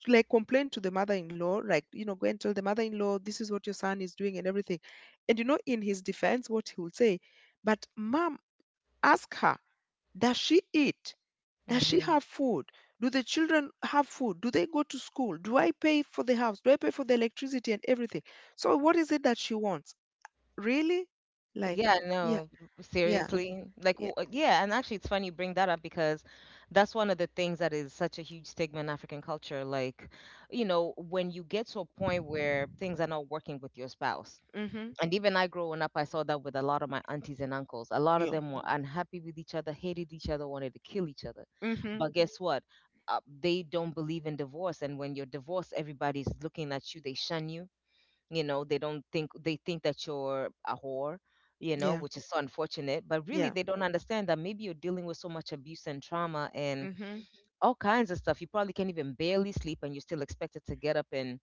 like complain to the mother-in-law, like, you know, go and tell the mother-in-law, this is what your son is doing and everything. And you know, in his defense, what he will say, but mom, ask her, does she eat? Does she have food? Do the children have food? Do they go to school? Do I pay for the house? Do I pay for the electricity and everything? So what is it that she wants? Really? Like, Yeah, yeah, no, yeah, seriously. Like, yeah. Yeah, and actually, it's funny you bring that up, because that's one of the things that is such a huge stigma in African culture. Like, you know, when you get to a point where things are not working with your spouse, Mm-hmm. and even I, growing up, I saw that with a lot of my aunties and uncles. A lot of You. them were unhappy with each other, hated each other, wanted to kill each other. Mm-hmm. But guess what? They don't believe in divorce, and when you're divorced, everybody's looking at you. They shun you. You know, they don't think they think that you're a whore, you know, Yeah. which is so unfortunate. But really, Yeah. they don't understand that maybe you're dealing with so much abuse and trauma and Mm-hmm. all kinds of stuff. You probably can't even barely sleep, and you're still expected to get up and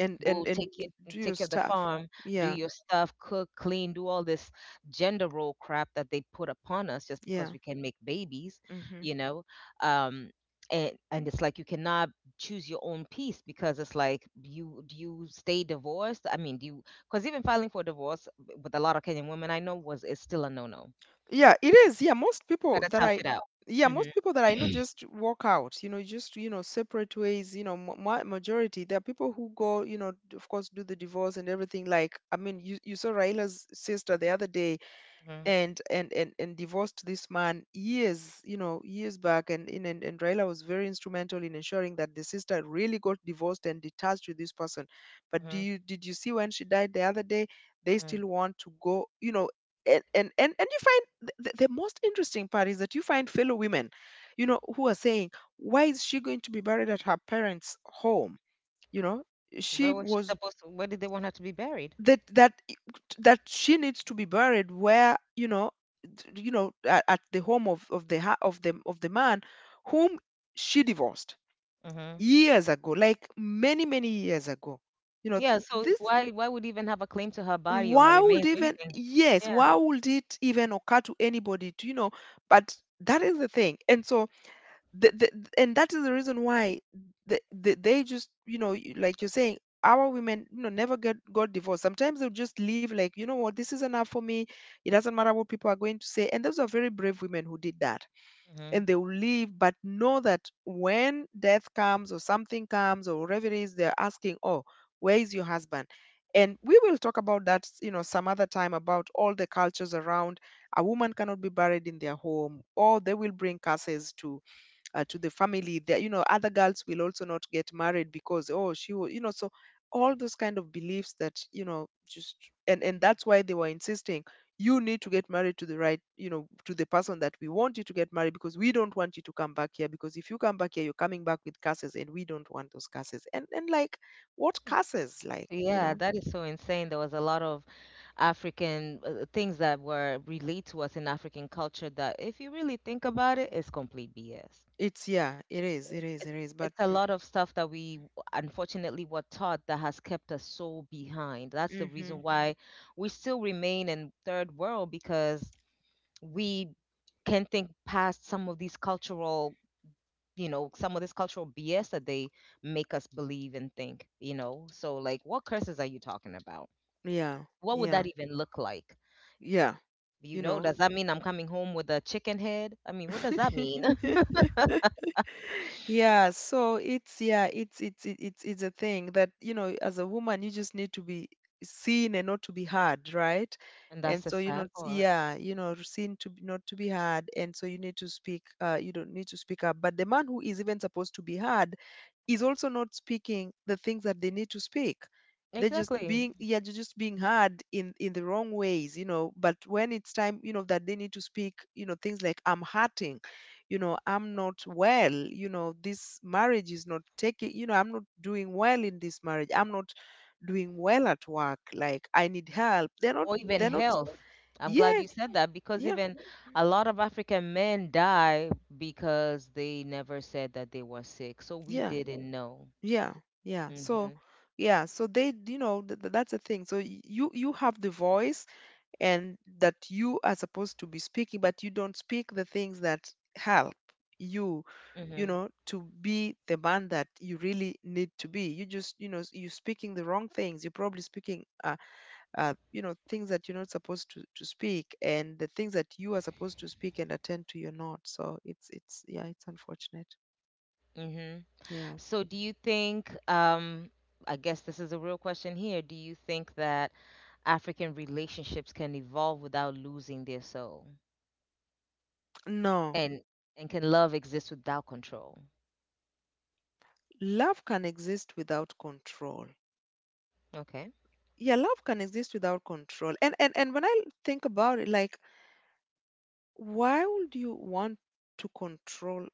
Go And take it do your take care of the stuff. farm, do Yeah. your stuff, cook, clean, do all this gender role crap that they put upon us just because Yeah. we can make babies, Mm-hmm. you know. um and it's like you cannot choose your own peace, because it's like, you stay divorced? I mean, do you? Because even filing for divorce with a lot of Kenyan women I know was is still a no-no. Yeah, it is. Yeah, most people Better that tough I, it out. yeah, Hmm. most people that I know just walk out, you know, just, you know, separate ways, you know, majority. There are people who go, you know, of course, do the divorce and everything. Like, I mean, you saw Raila's sister the other day Hmm. and divorced this man years, you know, years back. And Raila was very instrumental in ensuring that the sister really got divorced and detached with this person. But do Hmm. you did you see when she died the other day? They still want to go, you know. And you find the most interesting part is that you find fellow women, you know, who are saying, why is she going to be buried at her parents home? You know, Where she was she was supposed to? Where did they want her to be buried? that that that she needs to be buried where, you know, you know, at the home of the ha- of the man whom she divorced Hmm. years ago, like many, many years ago, you know. Yeah, so This why would even have a claim to her body or her Why would remains or even, anything? yes, Yeah. why would it even occur to anybody to, you know? But that is the thing. And so the, the, and that is the reason why they just, you know, like you're saying, our women, you know, never get got divorced. Sometimes they'll just leave, like, you know what, this is enough for me. It doesn't matter what people are going to say, and those are very brave women who did that. Hmm. And they will leave, but know that when death comes or something comes or whatever it is, they're asking, oh, where is your husband? And we will talk about that, you know, some other time, about all the cultures around a woman cannot be buried in their home or they will bring curses to the family. That, you know, other girls will also not get married because, oh, she will, you know. So all those kind of beliefs that, you know, just and that's why they were insisting you need to get married to the right, you know, to the person that we want you to get married, because we don't want you to come back here, because if you come back here, you're coming back with curses, and we don't want those curses. And like, what curses, like, you Yeah, know? that is so insane. There was a lot of African things that were relayed to us in African culture that, if you really think about it, is complete BS. It's, yeah, it is, it It's, is, it it's, is But it's a lot of stuff that unfortunately were taught that has kept us so behind. That's the reason, hmm, Mhm. why we still remain in third world, because we can think past some of these cultural, you know, some of this cultural BS that they make us believe and think. You know, so like, what curses are you talking about? yeah, What would yeah, that even look like? yeah, you You know, know. does that mean I'm coming home with a chicken head? I mean, what does that mean? Yeah, so it's, yeah, it's, it's it's a thing that, you know, as a woman you just need to be seen and not to be heard, right? And that's And the so, you know, sad part. yeah, you know, not to be heard, and so you need to speak. You don't need to speak up. But the man who is even supposed to be heard is also not speaking the things that they need to speak. They're just Exactly. being, yeah, they're just being heard in the wrong ways, you know. But when it's time, you know, that they need to speak, you know, things like, I'm hurting, you know, I'm not well, you know, this marriage is not taking, you know, I'm not doing well in this marriage, I'm not doing well at work, like I need help, they're not, Or even they're not. health. I'm glad Yes, you said that, because yeah, even a lot of African men die because they never said that they were sick, so we yeah, didn't know. yeah, yeah. So Mhm. yeah, so they, you know, that's the thing. So you, you have the voice, and that you are supposed to be speaking, but you don't speak the things that help you, you Mhm. know, to be the man that you really need to be. You just, you know, you're speaking the wrong things. You're probably speaking, you know, things that you're not supposed to speak, and the things that you are supposed to speak and attend to, you're not. So it's, yeah, it's unfortunate. Mhm. Yeah. So, do you think, I guess this is a real question here, do you think that African relationships can evolve without losing their soul? No, And and can love exist without control? love can exist without control. Okay. Yeah, love can exist without control. And when I think about it, like, why would you want to control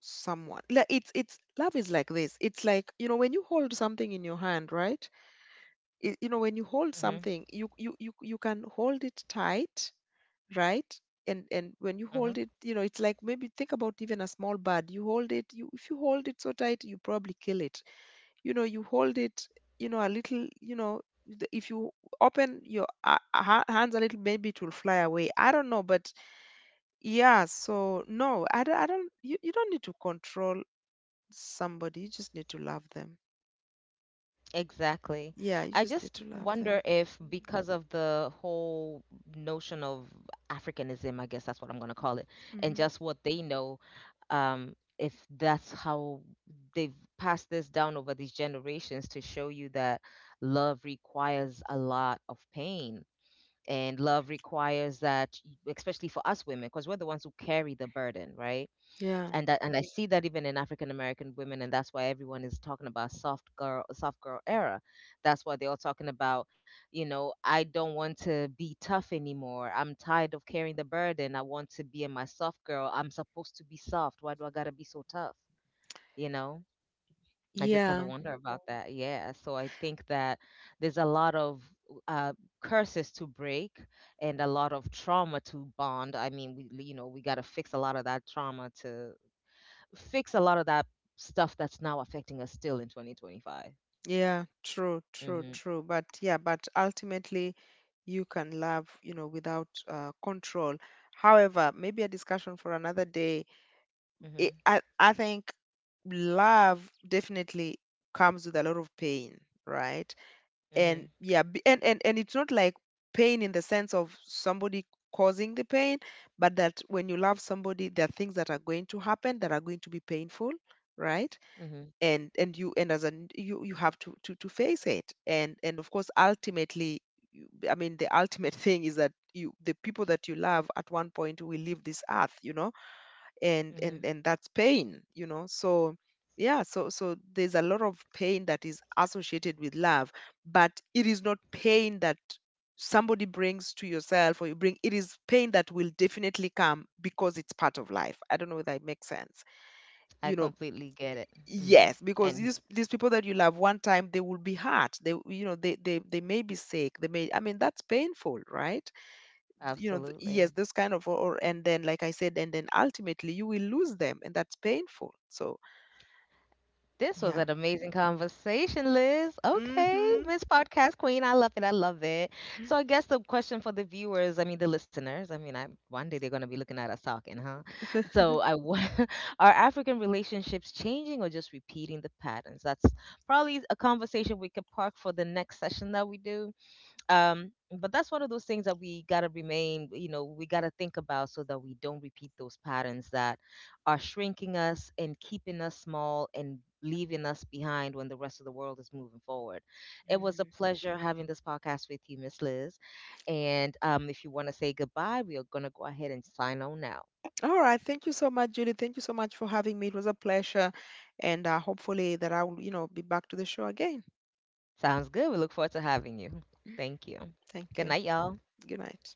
someone? Like, it's, love is like this. It's like, you know, when you hold something in your hand, right? I You know, Mhm. when you hold something, you, you can hold it tight, right? and Mhm. and when you hold it, you know, it's like, maybe think about even a small bird. You hold it, you, if you hold it so tight, you probably kill it. You know, you hold it, you know, a little, you know, if you open your hands a little, maybe it will fly away. I don't know, but yeah. So no, I don't, I don't, you don't need to control somebody. You just need to love them. Exactly. Yeah, you I just need just to love wonder them. if, because of the whole notion of Africanism, I guess that's what I'm going to call it, and Hmm. just what they know, um, if that's how they've passed this down over these generations, to show you that love requires a lot of pain, and love requires that, especially for us women, because we're the ones who carry the burden, right? Yeah. And that, and I see that even in African American women, and that's why everyone is talking about soft girl era. That's why they're all talking about, you know, I don't want to be tough anymore. I'm tired of carrying the burden. I want to be in my soft girl. I'm supposed to be soft. Why do I gotta be so tough? You know, I just kind of Yeah. wonder about that. Yeah, so I think that there's a lot of uh, curses to break, and a lot of trauma to bond. I mean, we, you know, we gotta fix a lot of that trauma to fix a lot of that stuff that's now affecting us still in 2025. Yeah, true, true, Mhm. true. But yeah, but ultimately you can love, you know, without control. However, maybe a discussion for another day. It, Mhm. I think love definitely comes with a lot of pain, right? And Mhm. yeah, and it's not like pain in the sense of somebody causing the pain, but that when you love somebody, there are things that are going to happen that are going to be painful, right? Mhm. And you, and as an, you have to to face it. And of course, ultimately, I mean, the ultimate thing is that you, the people that you love at one point will leave this earth, you know. and Mhm. and and that's pain, you know. So yeah, so so there's a lot of pain that is associated with love, but it is not pain that somebody brings to yourself or you bring. It is pain that will definitely come because it's part of life. I don't know if that makes sense, I you know. completely get it. Mhm. Yes, because And these people that you love, one time they will be hurt, they, you know, they may be sick, they may, I mean, that's painful, right? You know, yes, absolutely. this kind of, or, and then like I said, and then ultimately you will lose them, and that's painful. So This was yeah. an amazing conversation, Liz. Okay, Mm-hmm. Miss Podcast Queen, I love it. I love it. So I guess the question for the viewers, I mean the listeners, I mean, I, one day they're going to be looking at us talking, huh? So are African relationships changing or just repeating the patterns? That's probably a conversation we could park for the next session that we do. um but that's one of those things that we got to remain, you know, we got to think about, so that we don't repeat those patterns that are shrinking us and keeping us small and leaving us behind when the rest of the world is moving forward. It was a Hmm. pleasure having this podcast with you, Miss Liz, and if you want to say goodbye, we are going to go ahead and sign on now. All right, thank you so much, Julie. Thank you so much for having me. It was a pleasure. And hopefully that I will, you know, be back to the show again. Sounds good. We look forward to having you. Thank you. Good Thank you. night, y'all. Good night.